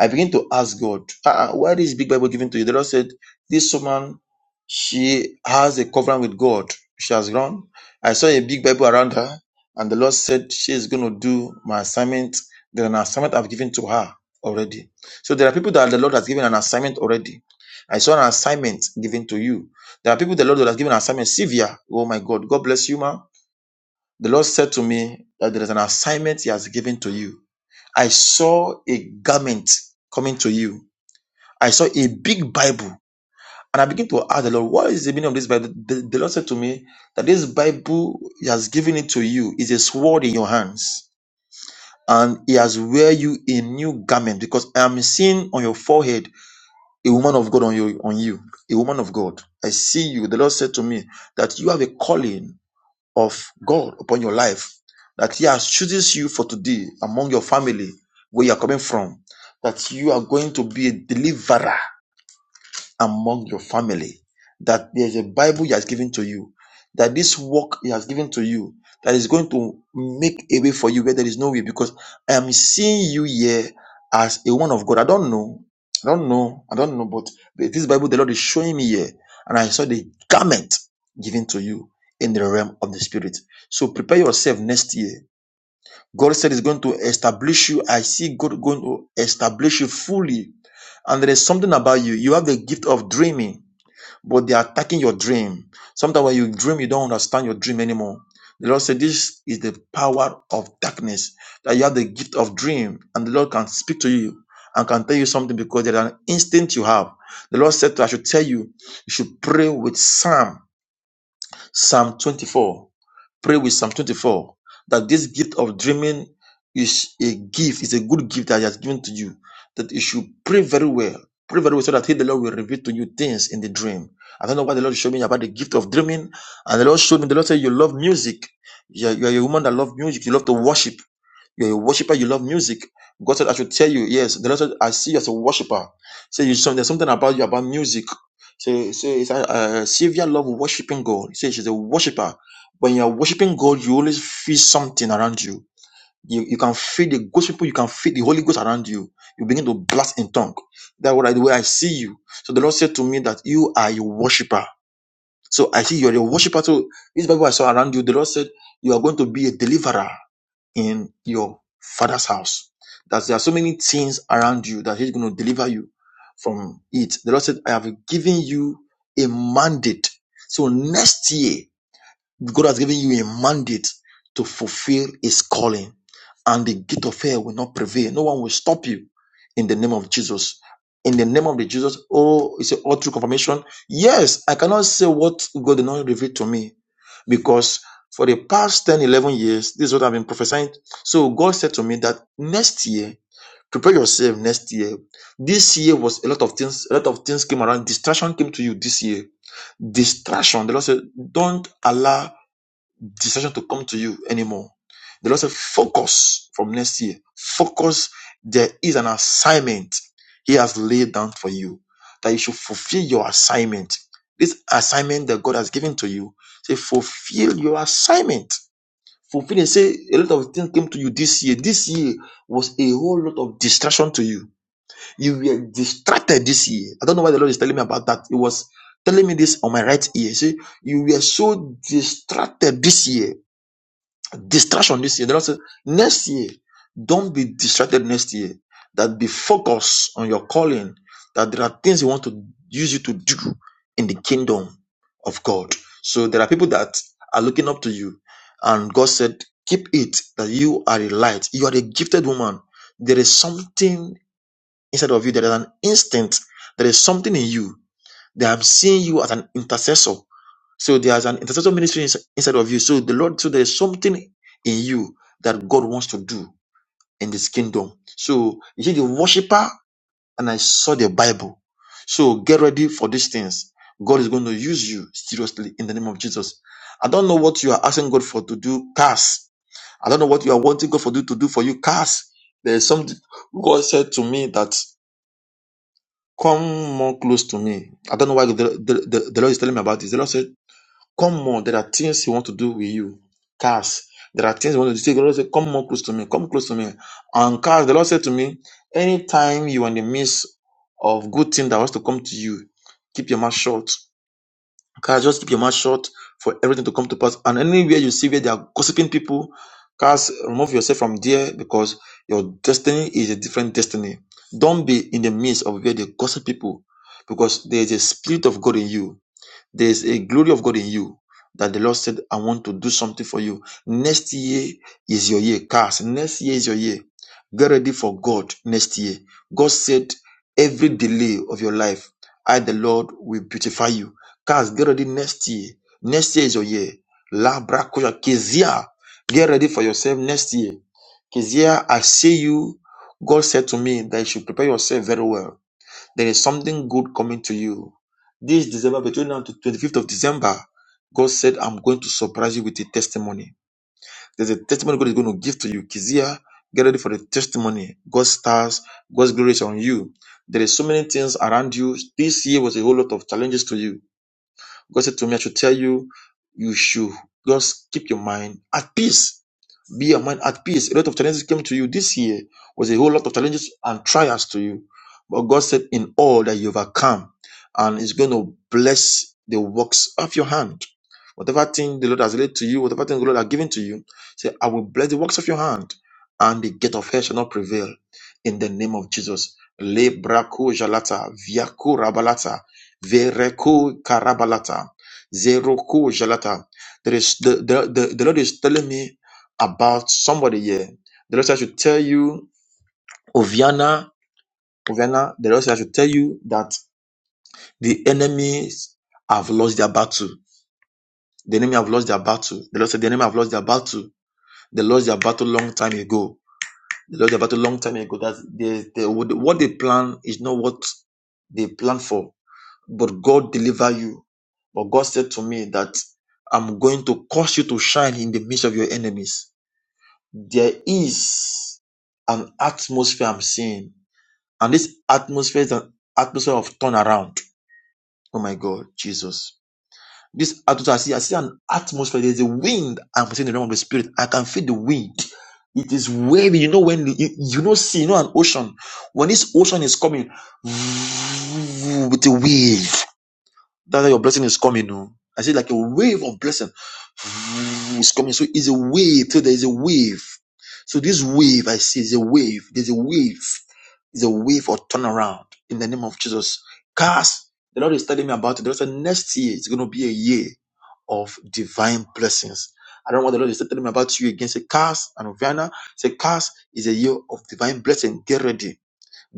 I begin to ask God, ah, ah, why this big Bible given to you? The Lord said, this woman, she has a covenant with God. She has run. I saw a big Bible around her, and the Lord said, she is going to do my assignment. There is an assignment I've given to her already. So there are people that the Lord has given an assignment already. I saw an assignment given to you. There are people the Lord has given an assignment. Sylvia, oh my God, God bless you, ma. The Lord said to me that there is an assignment He has given to you. I saw a garment coming to you I saw a big Bible. And I began to ask the Lord, what is the meaning of this Bible? The, the Lord said to me that this Bible He has given it to you is a sword in your hands. And He has wear you a new garment because I am seeing on your forehead a woman of God on you, on you, a woman of God. I see you. The Lord said to me that you have a calling of God upon your life, that He has chooses you for today among your family, where you are coming from, that you are going to be a deliverer among your family that there's a Bible He has given to you, that this work He has given to you, that is going to make a way for you where there is no way. Because I am seeing you here as a woman of God. I don't know, I don't know, I don't know, but this Bible the Lord is showing me here, and I saw the garment given to you in the realm of the Spirit. So prepare yourself next year God said He's going to establish you. I see God going to establish you fully. And there is something about you. You have the gift of dreaming, but they are attacking your dream. Sometimes when you dream, you don't understand your dream anymore. The Lord said, This is the power of darkness, that you have the gift of dream, and the Lord can speak to you and can tell you something because there is an instinct you have. The Lord said, I should tell you, you should pray with Psalm Psalm 24. Pray with Psalm 24 that this gift of dreaming is a gift, is a good gift that He has given to you. That you should pray very well. Pray very well so that He, the Lord, will reveal to you things in the dream. I don't know why the Lord showed me about the gift of dreaming. And the Lord showed me, the Lord said, You love music. You're, you're a woman that loves music. You love to worship. You're a worshiper, you love music. God said, I should tell you, yes. The Lord said, I see you as a worshiper. Say, you, some- there's something about you, about music. Say, say, it's, uh, uh, Sylvia love worshiping God. Say, she's a worshiper. When you're worshiping God, you always feel something around you. You, you can feel the ghost people, you can feel the Holy Ghost around you. You begin to blast in tongue. That's what I, the way I see you. So the Lord said to me that you are a worshiper so I see you're a worshiper. So this Bible I saw around you, the Lord said you are going to be a deliverer in your father's house. That there are so many things around you that He's going to deliver you from it. The Lord said, I have given you a mandate. So next year God has given you a mandate to fulfill his calling, and the gate of hell will not prevail. No one will stop you in the name of Jesus. In the name of the Jesus, oh, it's an all true confirmation. Yes, I cannot say what God did not reveal to me because for the past 10, 11 years, this is what I've been prophesying. So God said to me that next year, prepare yourself next year. This year was a lot of things, a lot of things came around. Distraction came to you this year distraction. The Lord said, don't allow distraction to come to you anymore. The Lord said, focus from next year. Focus. There is an assignment He has laid down for you that you should fulfill your assignment. This assignment that God has given to you, say, fulfill your assignment. Fulfill and say, a lot of things came to you this year. This year was a whole lot of distraction to you. You were distracted this year. I don't know why the Lord is telling me about that. It was telling me this on my right ear. Say, you were so distracted this year Distraction this year. The Lord said, next year, don't be distracted next year. That be focused on your calling. That there are things He want to use you to do in the kingdom of God. So there are people that are looking up to you, and God said, keep it that you are a light. You are a gifted woman. There is something inside of you. There is an instinct. There is something in you. That I'm seeing you as an intercessor. So there's an intercessor ministry ins- inside of you. So the Lord, so there's something in you that God wants to do in this kingdom. So you see the worshiper, and I saw the Bible. So get ready for these things. God is going to use you seriously in the name of Jesus. I don't know what you are asking God for to do, cast. I don't know what you are wanting God for do to do for you, cast. There is something God said to me that come more close to me. I don't know why the, the, the, the Lord is telling me about this. The Lord said. Come on, there are things you want to do with you. Cars. There are things you want to do. The Lord said, Come more close to me. Come close to me. And cars, the Lord said to me, anytime you are in the midst of good thing that wants to come to you, keep your mouth shut. Cars, just keep your mouth shut for everything to come to pass. And anywhere you see where they are gossiping people, cars, remove yourself from there because your destiny is a different destiny. Don't be in the midst of where they gossip people because there is a spirit of God in you there's a glory of God in you that the Lord said, I want to do something for you. Next year is your year. cast. next year is your year. Get ready for God next year. God said, Every delay of your life, I, the Lord, will beautify you. Cast. get ready next year. Next year is your year. Labra Koya Kezia. Get ready for yourself next year. Kezia, I see you. God said to me that you should prepare yourself very well there is something good coming to you. This December, between now to 25th of December, God said, I'm going to surprise you with a testimony. There's a testimony God is going to give to you. Kizia, get ready for the testimony. God's stars, God's glory is on you. There is so many things around you. This year was a whole lot of challenges to you God said to me, I should tell you, you should just keep your mind at peace. Be your mind at peace. A lot of challenges came to you this year. Was a whole lot of challenges and trials to you. But God said, in all that you overcome, and is going to bless the works of your hand. Whatever thing the Lord has laid to you, whatever thing the Lord has given to you, say, I will bless the works of your hand, and the gate of hell shall not prevail. In the name of Jesus. Le brako jalata, viako rabalata, Vereku karabalata. Zeroku jalata. There is the, the, the, the Lord is telling me about somebody here. The Lord says I should tell you, Oviana, Oviana, the Lord says I should tell you that the enemies have lost their battle. The enemy have lost their battle. The Lord said the enemy have lost their battle. They lost their battle long time ago. They lost their battle long time ago. That they, they, what they plan is not what they plan for but God deliver you. But God said to me that I'm going to cause you to shine in the midst of your enemies. There is an atmosphere I'm seeing, and this atmosphere is an atmosphere of turnaround. Oh my God, Jesus. This atmosphere, I see, I see an atmosphere. There's a wind. I'm seeing in the realm of the spirit. I can feel the wind. It is waving. You know when you, you know see you know an ocean. When this ocean is coming, with the wave. That's why your blessing is coming. oh. I see like a wave of blessing is coming. So it's a wave. So there's a wave. So this wave I see is a wave. There's a wave. It's a wave of turnaround in the name of Jesus. Cast. The Lord is telling me about it. The Lord said next year is going to be a year of divine blessings. I don't know what the Lord is telling me about you again. Say, cast and Vienna. Say, cast is a year of divine blessing. Get ready.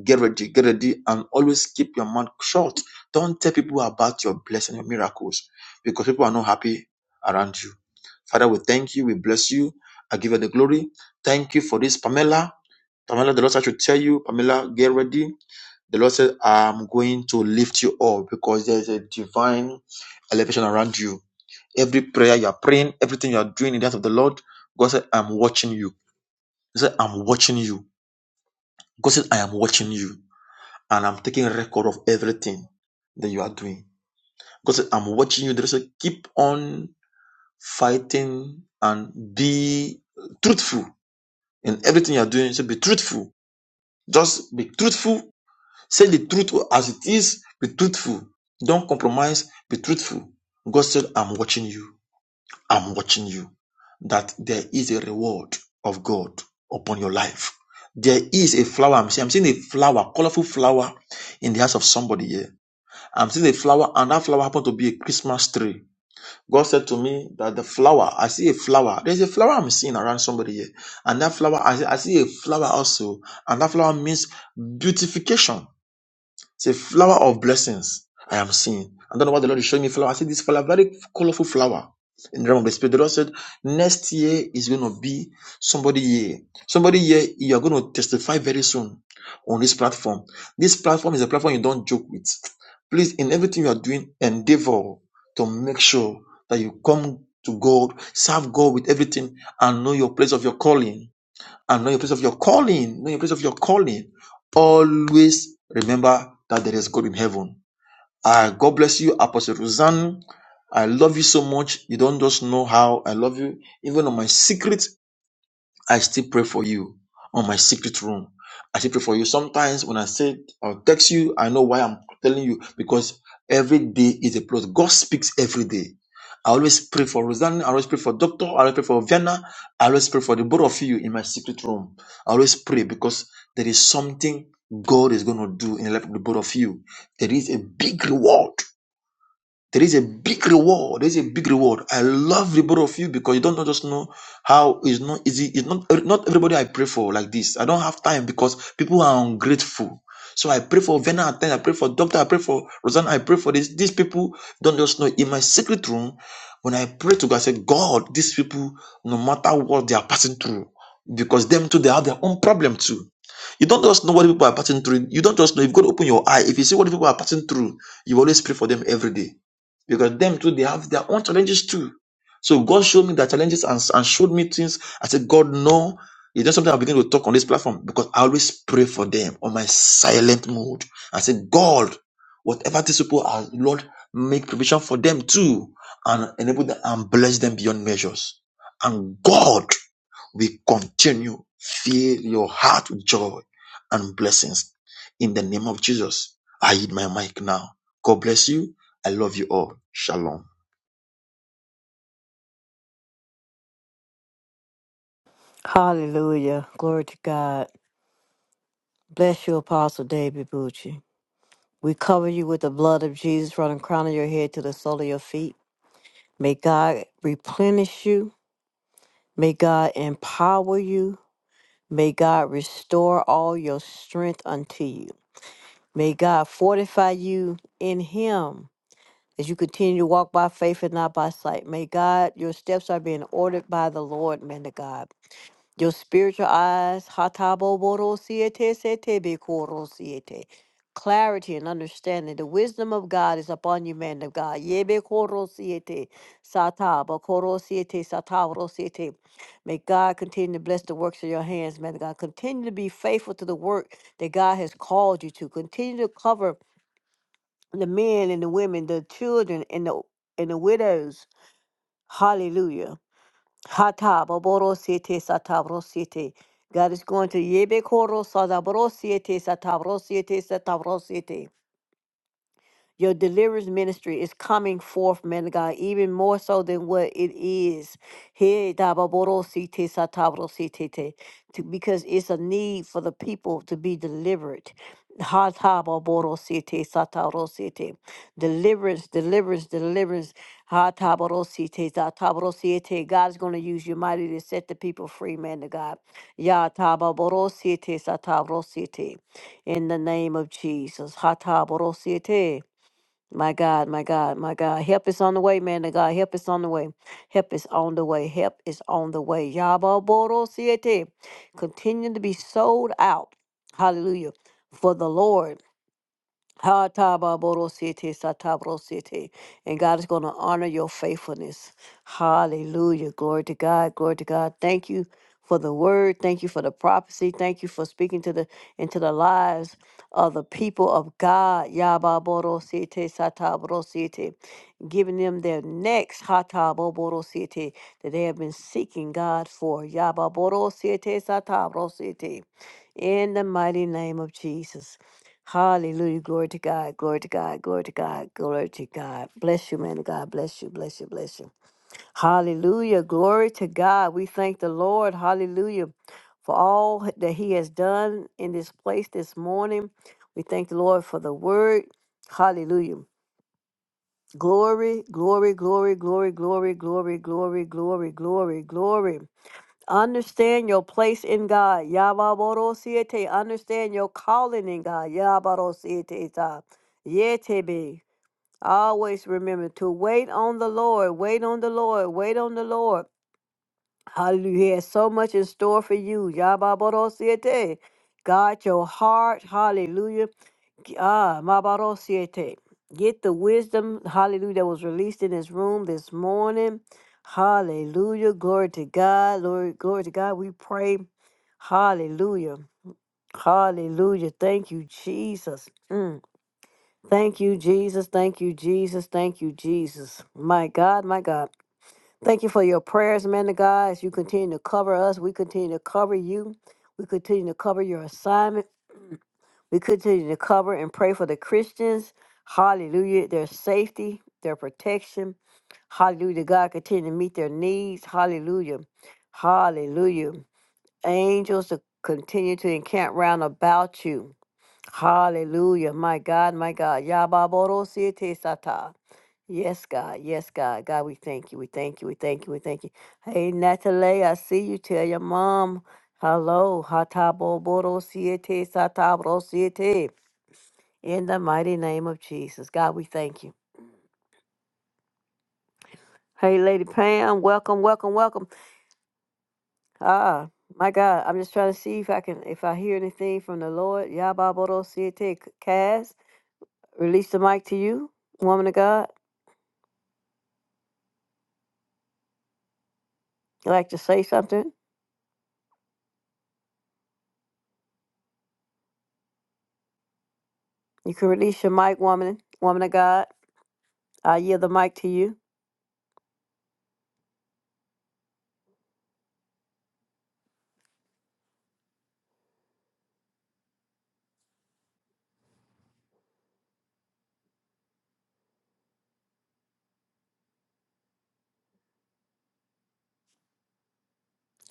Get ready, get ready, and always keep your mouth shut. Don't tell people about your blessing, your miracles, because people are not happy around you. Father, we thank you, we bless you. I give you the glory. Thank you for this, Pamela. Pamela, the Lord said I should tell you, Pamela, get ready. The Lord said, I'm going to lift you up because there's a divine elevation around you. Every prayer you are praying, everything you are doing in the hands of the Lord, God said, I'm watching you. He said, I'm watching you. God said, I am watching you and I'm taking record of everything that you are doing because I'm watching you. There's a keep on fighting and be truthful in everything you are doing. So be truthful. Just be truthful. Say the truth as it is. Be truthful. Don't compromise. Be truthful. God said, I'm watching you. I'm watching you. That there is a reward of God upon your life. There is a flower. I'm seeing, I'm seeing a flower, colorful flower in the house of somebody here I'm seeing a flower, and that flower happened to be a Christmas tree. God said to me that the flower, I see a flower. There's a flower I'm seeing around somebody here. And that flower, I see, I see a flower also. And that flower means beautification. It's a flower of blessings. I am seeing. I don't know why the Lord is showing me flower. I see this flower, very colorful flower. In the realm of the spirit, the Lord said, next year is going to be somebody year. Somebody year you are going to testify very soon on this platform. This platform is a platform you don't joke with. Please, in everything you are doing, endeavor to make sure that you come to God, serve God with everything, and know your place of your calling and know your place of your calling. Know your place of your calling. Always remember that there is God in heaven. Ah, God bless you, Apostle Roseanne. I love you so much. You don't just know how I love you. Even on my secret I still pray for you on my secret room. I still pray for you. Sometimes when I say or text you, I know why I'm telling you because every day is a plus. God speaks every day. I always pray for Rosanna. I always pray for Doctor. I always pray for Vienna. I always pray for the both of you in my secret room. I always pray because there is something God is going to do in the life of the both of you. There is a big reward there is a big reward. There's a big reward. I love the both of you because you don't just know how it's not easy. It's not not everybody I pray for like this. I don't have time because people are ungrateful. So I pray for Vena at times. I pray for Doctor. I pray for Rosanna. I pray for this. These people don't just know. In my secret room, when I pray to God, I say, God, these people, no matter what they are passing through, because them too, they have their own problem too. You don't just know what people are passing through. You don't just know. You've got to open your eye. If you see what people are passing through, you always pray for them every day because them too they have their own challenges too. So God showed me their challenges and, and showed me things. I said, God, no, it's not something I begin to talk on this platform because I always pray for them on my silent mode. I said, God, whatever these people are, Lord, make provision for them too and enable them and bless them beyond measures. And God we continue fill your heart with joy and blessings in the name of Jesus. I hit my mic now. God bless you. I love you all. Shalom. Hallelujah. Glory to God. Bless you, Apostle David Bucci. We cover you with the blood of Jesus from the crown of your head to the sole of your feet. May God replenish you. May God empower you. May God restore all your strength unto you. May God fortify you in Him as you continue to walk by faith and not by sight. May God, your steps are being ordered by the Lord, man of God. Your spiritual eyes, hataboborosiete setebekorosiete, clarity and understanding. The wisdom of God is upon you, man of God. Yebekorosiete, satabakorosiete, sataborosiete. May God continue to bless the works of your hands, man of God. Continue to be faithful to the work that God has called you to. Continue to cover the men and the women, the children and the and the widows. Hallelujah. Hata baboro siete satabro siete. God is going to yebe koro sadabro siete satabro siete satabro siete. Your deliverance ministry is coming forth, man of God, even more so than what it is. Hey, dababorosite, satabrositete, to- Because it's a need for the people to be delivered. Hatababorosite, satabrosite. Deliverance, deliverance, deliverance. Hataborosite, satabrosite. God is going to use you mighty to set the people free, man of God. Ya Yatababorosite, satabrosite. In the name of Jesus. Hataborosite. My God, my God, my God. Help is on the way, man of God. Help is on the way. Help is on the way. Help is on the way. Yaba Boro Siete. Continue to be sold out. Hallelujah. For the Lord. Ha ta ba bo ro si te sa ta bo ro si te. And God is going to honor your faithfulness. Hallelujah. Glory to God. Glory to God. Thank you for the word. Thank you for the prophecy. Thank you for speaking to the into the lives of the people of God. Ya ba bo ro si te sa ta bo ro si te. Giving them their next ha ta bo bo ro si te that they have been seeking God for. Ya ba bo ro si te sa ta bo ro si te. In the mighty name of Jesus. Hallelujah. Glory to God. Glory to God. Glory to God. Glory to God. Bless you, man of God. Bless you. Bless you. Bless you. Hallelujah. Glory to God. We thank the Lord. Hallelujah. For all that He has done in this place this morning. We thank the Lord for the word. Hallelujah. Glory, glory, glory, glory, glory, glory, glory, glory, glory, glory. Understand your place in God. Yababarosiete. Understand your calling in God. Yabarosiete. ta. Yetebe. Always remember to wait on the Lord. Wait on the Lord. Wait on the Lord. Hallelujah. He has so much in store for you. Yababarosiete. Guard your heart. Hallelujah. Ah, Mabaro Siete. Get the wisdom, hallelujah, that was released in this room this morning. Hallelujah. Glory to God. Lord, glory to God. We pray. Hallelujah. Hallelujah. Thank you, Jesus. Mm. Thank you, Jesus. Thank you, Jesus. Thank you, Jesus. My God, my God. Thank you for your prayers, man of God. As you continue to cover us, we continue to cover you. We continue to cover your assignment. We continue to cover and pray for the Christians. Hallelujah. Their safety, their protection. Hallelujah. God continue to meet their needs. Hallelujah. Hallelujah. Angels to continue to encamp round about you. Hallelujah. My God, my God. Yababodosiete sata. Yes, God. Yes, God. God, we thank you. We thank you. We thank you. We thank you. Hey, Natalie, I see you. Tell your mom. Hello. Hataboborosiete satabrosiete. In the mighty name of Jesus. God, we thank you. Hey, Lady Pam, welcome, welcome, welcome. Ah, my God, I'm just trying to see if I can, if I hear anything from the Lord. Yababodo Siete Cass, release the mic to you, woman of God. You like to say something? You can release your mic, woman, woman of God. I yield the mic to you.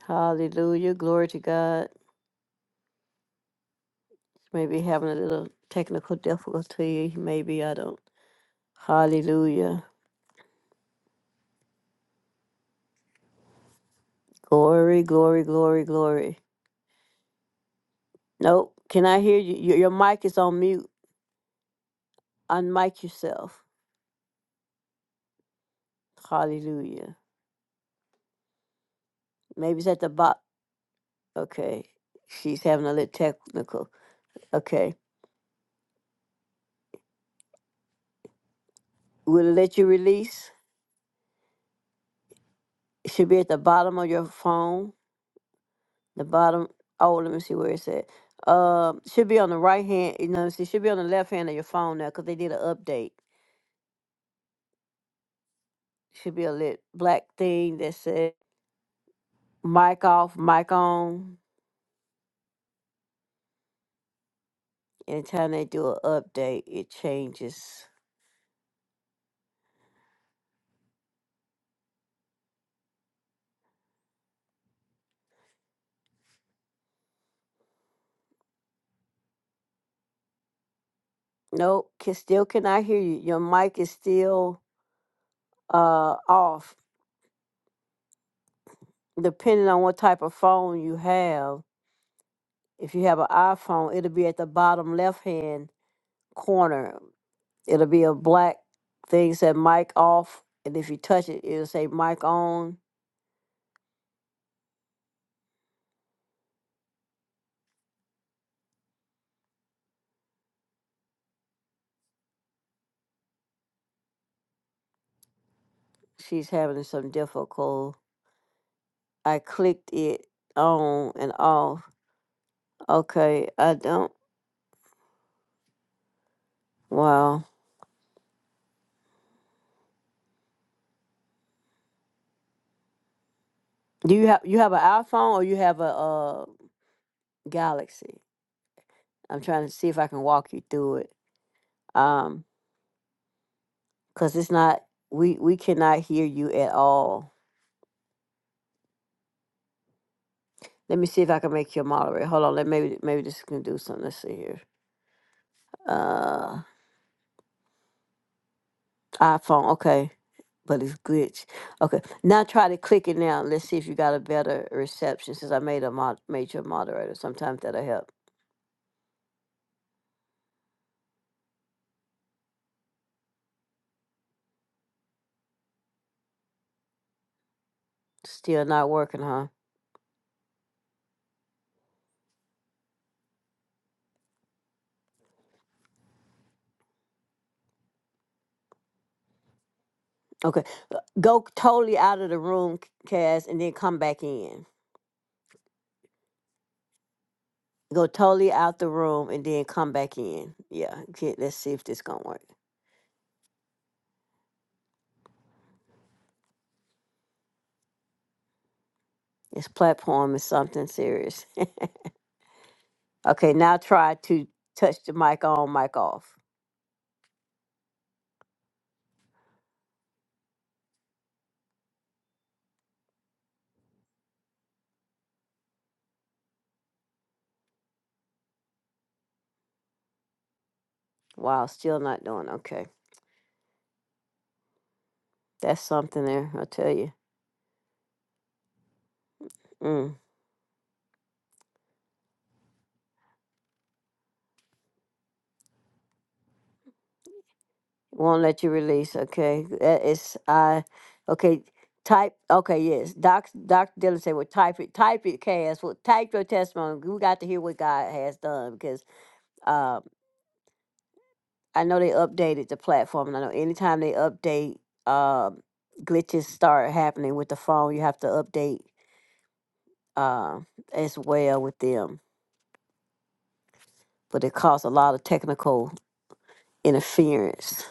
Hallelujah. Glory to God. Maybe having a little technical difficulty. Maybe I don't. Hallelujah. Glory, glory, glory, glory. Nope. Can I hear you? Your, your mic is on mute. Unmic yourself. Hallelujah. Maybe it's at the bot. Okay. She's having a little technical. Okay. Will it let you release? It should be at the bottom of your phone. The bottom. Oh, let me see where it's at. Uh, should be on the right hand. You know, it should be on the left hand of your phone now because they did an update. Should be a lit black thing that said mic off, mic on. Anytime they do an update, it changes. Nope, can still cannot hear you. Your mic is still uh off. Depending on what type of phone you have, if you have an iPhone, it'll be at the bottom left hand corner. It'll be a black thing said mic off, and if you touch it, it'll say mic on. She's having some difficulty. I clicked it on and off. Okay, I don't. Wow. Do you have you have an iPhone or you have a uh Galaxy? I'm trying to see if I can walk you through it. um because it's not we we cannot hear you at all let me see if i can make you a moderator hold on let maybe maybe this can do something let's see here uh iphone okay but it's glitch okay now try to click it now let's see if you got a better reception since i made a mod made you a moderator sometimes that'll help still not working huh okay uh, go totally out of the room Kaz, and then come back in go totally out the room and then come back in yeah okay, let's see if this gonna work This platform is something serious. Okay, now try to touch the mic on, mic off. Wow, still not doing okay. That's something there, I'll tell you. Mm. Won't let you release, okay? That is, I, okay, type, okay, yes. Doc, Dr. Dillon said, well, type it, type it, Cass. Well, type your testimony. We got to hear what God has done because um, I know they updated the platform. And I know anytime they update, um, glitches start happening with the phone. You have to update uh, as well with them, but it caused a lot of technical interference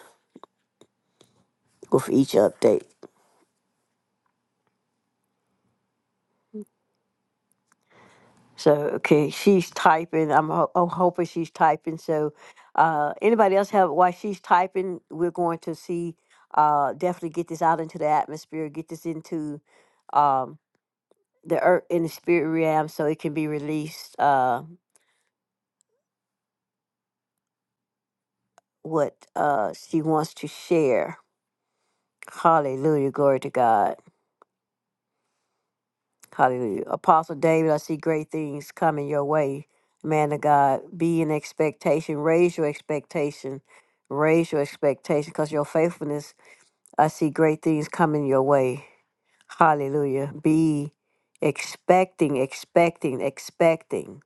with each update. So okay, she's typing. I'm, ho- I'm hoping she's typing. So uh, anybody else have while she's typing, we're going to see uh, definitely get this out into the atmosphere, get this into um, the earth in the spirit realm, so it can be released. Uh, what uh, she wants to share. Hallelujah, glory to God. Hallelujah. Apostle David, I see great things coming your way. Man of God, be in expectation. Raise your expectation. Raise your expectation because your faithfulness, I see great things coming your way. Hallelujah. Be expecting, expecting, expecting,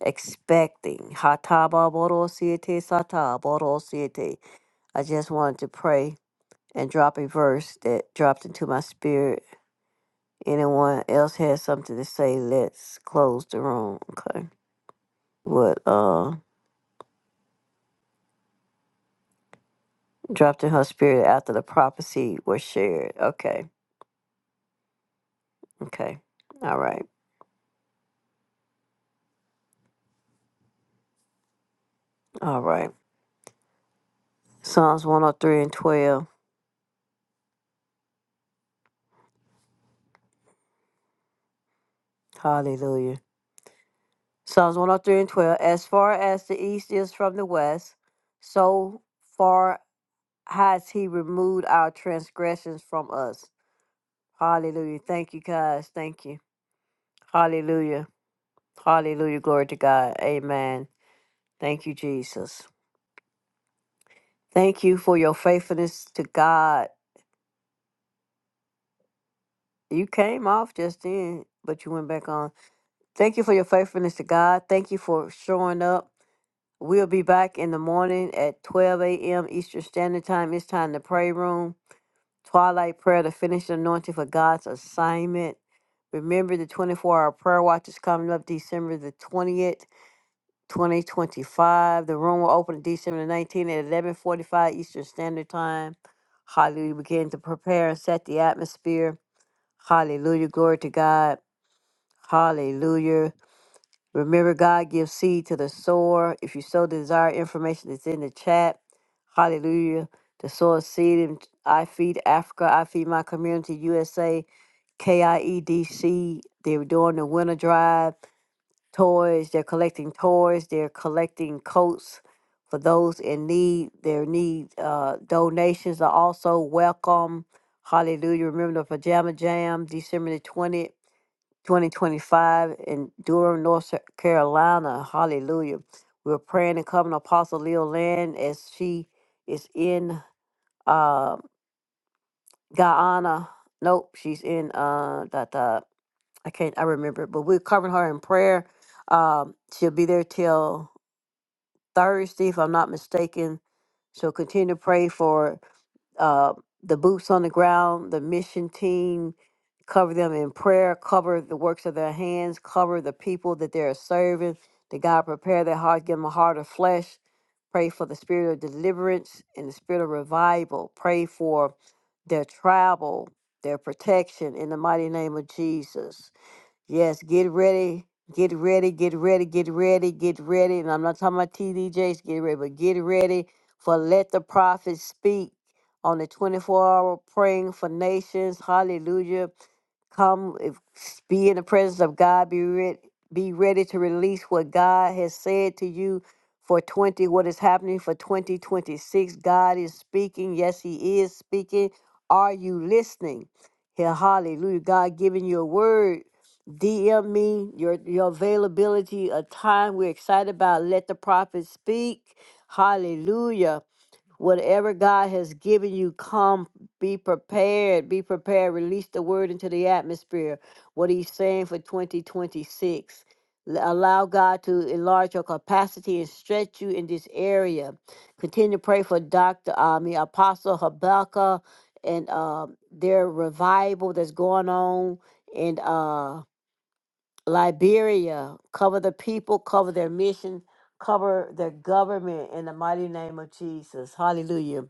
expecting. Hataba borosiete sata borosiete. I just wanted to pray and drop a verse that dropped into my spirit Anyone else has something to say? Let's close the room. Okay. What uh dropped in her spirit after the prophecy was shared. Okay. Okay. All right. All right. Psalms 103 and 12. Hallelujah. Psalms 103 and 12. As far as the east is from the west, so far has he removed our transgressions from us. Hallelujah. Thank you, guys. Thank you. Hallelujah. Hallelujah. Glory to God. Amen. Thank you, Jesus. Thank you for your faithfulness to God. You came off just then, but you went back on. Thank you for your faithfulness to God. Thank you for showing up. We'll be back in the morning at 12 a.m. Eastern Standard Time. It's time to pray room, twilight prayer to finish the anointing for God's assignment. Remember the 24 hour prayer watch is coming up December the 20th. 2025. The room will open December 19 at 11:45 Eastern Standard Time. Hallelujah. Begin to prepare and set the atmosphere. Hallelujah. Glory to God. Hallelujah. Remember, God gives seed to the sower. If you so desire, information is in the chat. Hallelujah. The sower seed in I Feed Africa, I Feed My Community USA, KIEDC. They're doing the winter drive toys. They're collecting toys. They're collecting coats for those in need. Their need uh, donations are also welcome. Hallelujah. Remember the Pajama Jam, December the 20th. 2025 in Durham, North Carolina. Hallelujah. We're praying and covering Apostle Leo Land as she is in uh, Guyana. Nope, she's in uh, that dot. I can't, I remember, but we're covering her in prayer. Um, she'll be there till Thursday, if I'm not mistaken. So continue to pray for uh, the boots on the ground, the mission team. Cover them in prayer. Cover the works of their hands. Cover the people that they are serving. That God prepare their heart, give them a heart of flesh. Pray for the spirit of deliverance and the spirit of revival. Pray for their travel, their protection in the mighty name of Jesus. Yes, get ready, get ready, get ready, get ready, get ready. And I'm not talking about TDJs, get ready, but get ready for Let the Prophet Speak on the 24 hour praying for nations. Hallelujah come if, be in the presence of god be ready be ready to release what god has said to you for 20 what is happening for 2026 god is speaking yes he is speaking are you listening here hallelujah god giving you a word dm me your your availability a time we're excited about let the prophet speak hallelujah Whatever God has given you, come be prepared. Be prepared. Release the word into the atmosphere. What he's saying for 2026. L- Allow God to enlarge your capacity and stretch you in this area. Continue to pray for Dr. I mean, Apostle Habakkuk and uh, their revival that's going on. And uh, Liberia, cover the people, cover their mission, cover their government in the mighty name of Jesus. Hallelujah.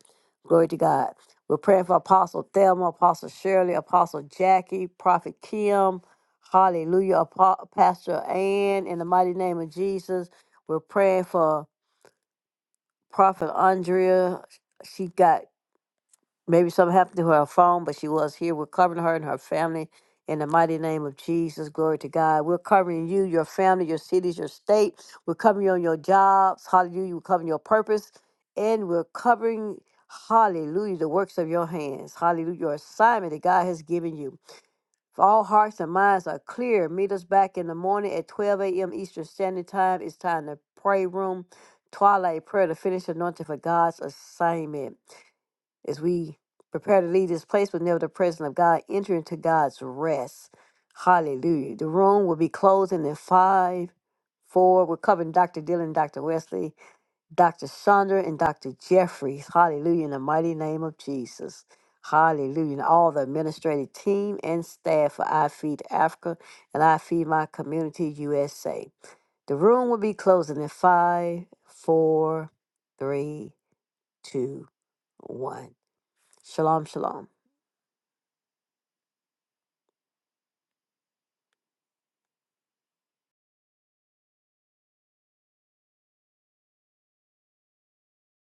Glory to God. We're praying for Apostle Thelma, Apostle Shirley, Apostle Jackie, Prophet Kim. Hallelujah. Apo- Pastor Ann, in the mighty name of Jesus. We're praying for Prophet Andrea. She got Maybe something happened to her phone, but she was here. We're covering her and her family in the mighty name of Jesus. Glory to God. We're covering you, your family, your cities, your state. We're covering you on your jobs. Hallelujah. We're covering your purpose. And we're covering, hallelujah, the works of your hands. Hallelujah. Your assignment that God has given you. If all hearts and minds are clear, meet us back in the morning at 12 a.m. Eastern Standard Time. It's time to pray room, twilight prayer, to finish anointing for God's assignment. As we prepare to leave this place, but never the presence of God, enter into God's rest. Hallelujah. The room will be closing in five, four. We're covering Dr. Dylan, Dr. Wesley, Dr. Chandra, and Dr. Jeffries. Hallelujah. In the mighty name of Jesus. Hallelujah. And all the administrative team and staff for I Feed Africa and I Feed My Community USA. The room will be closing in five, four, three, two, one. Shalom, shalom.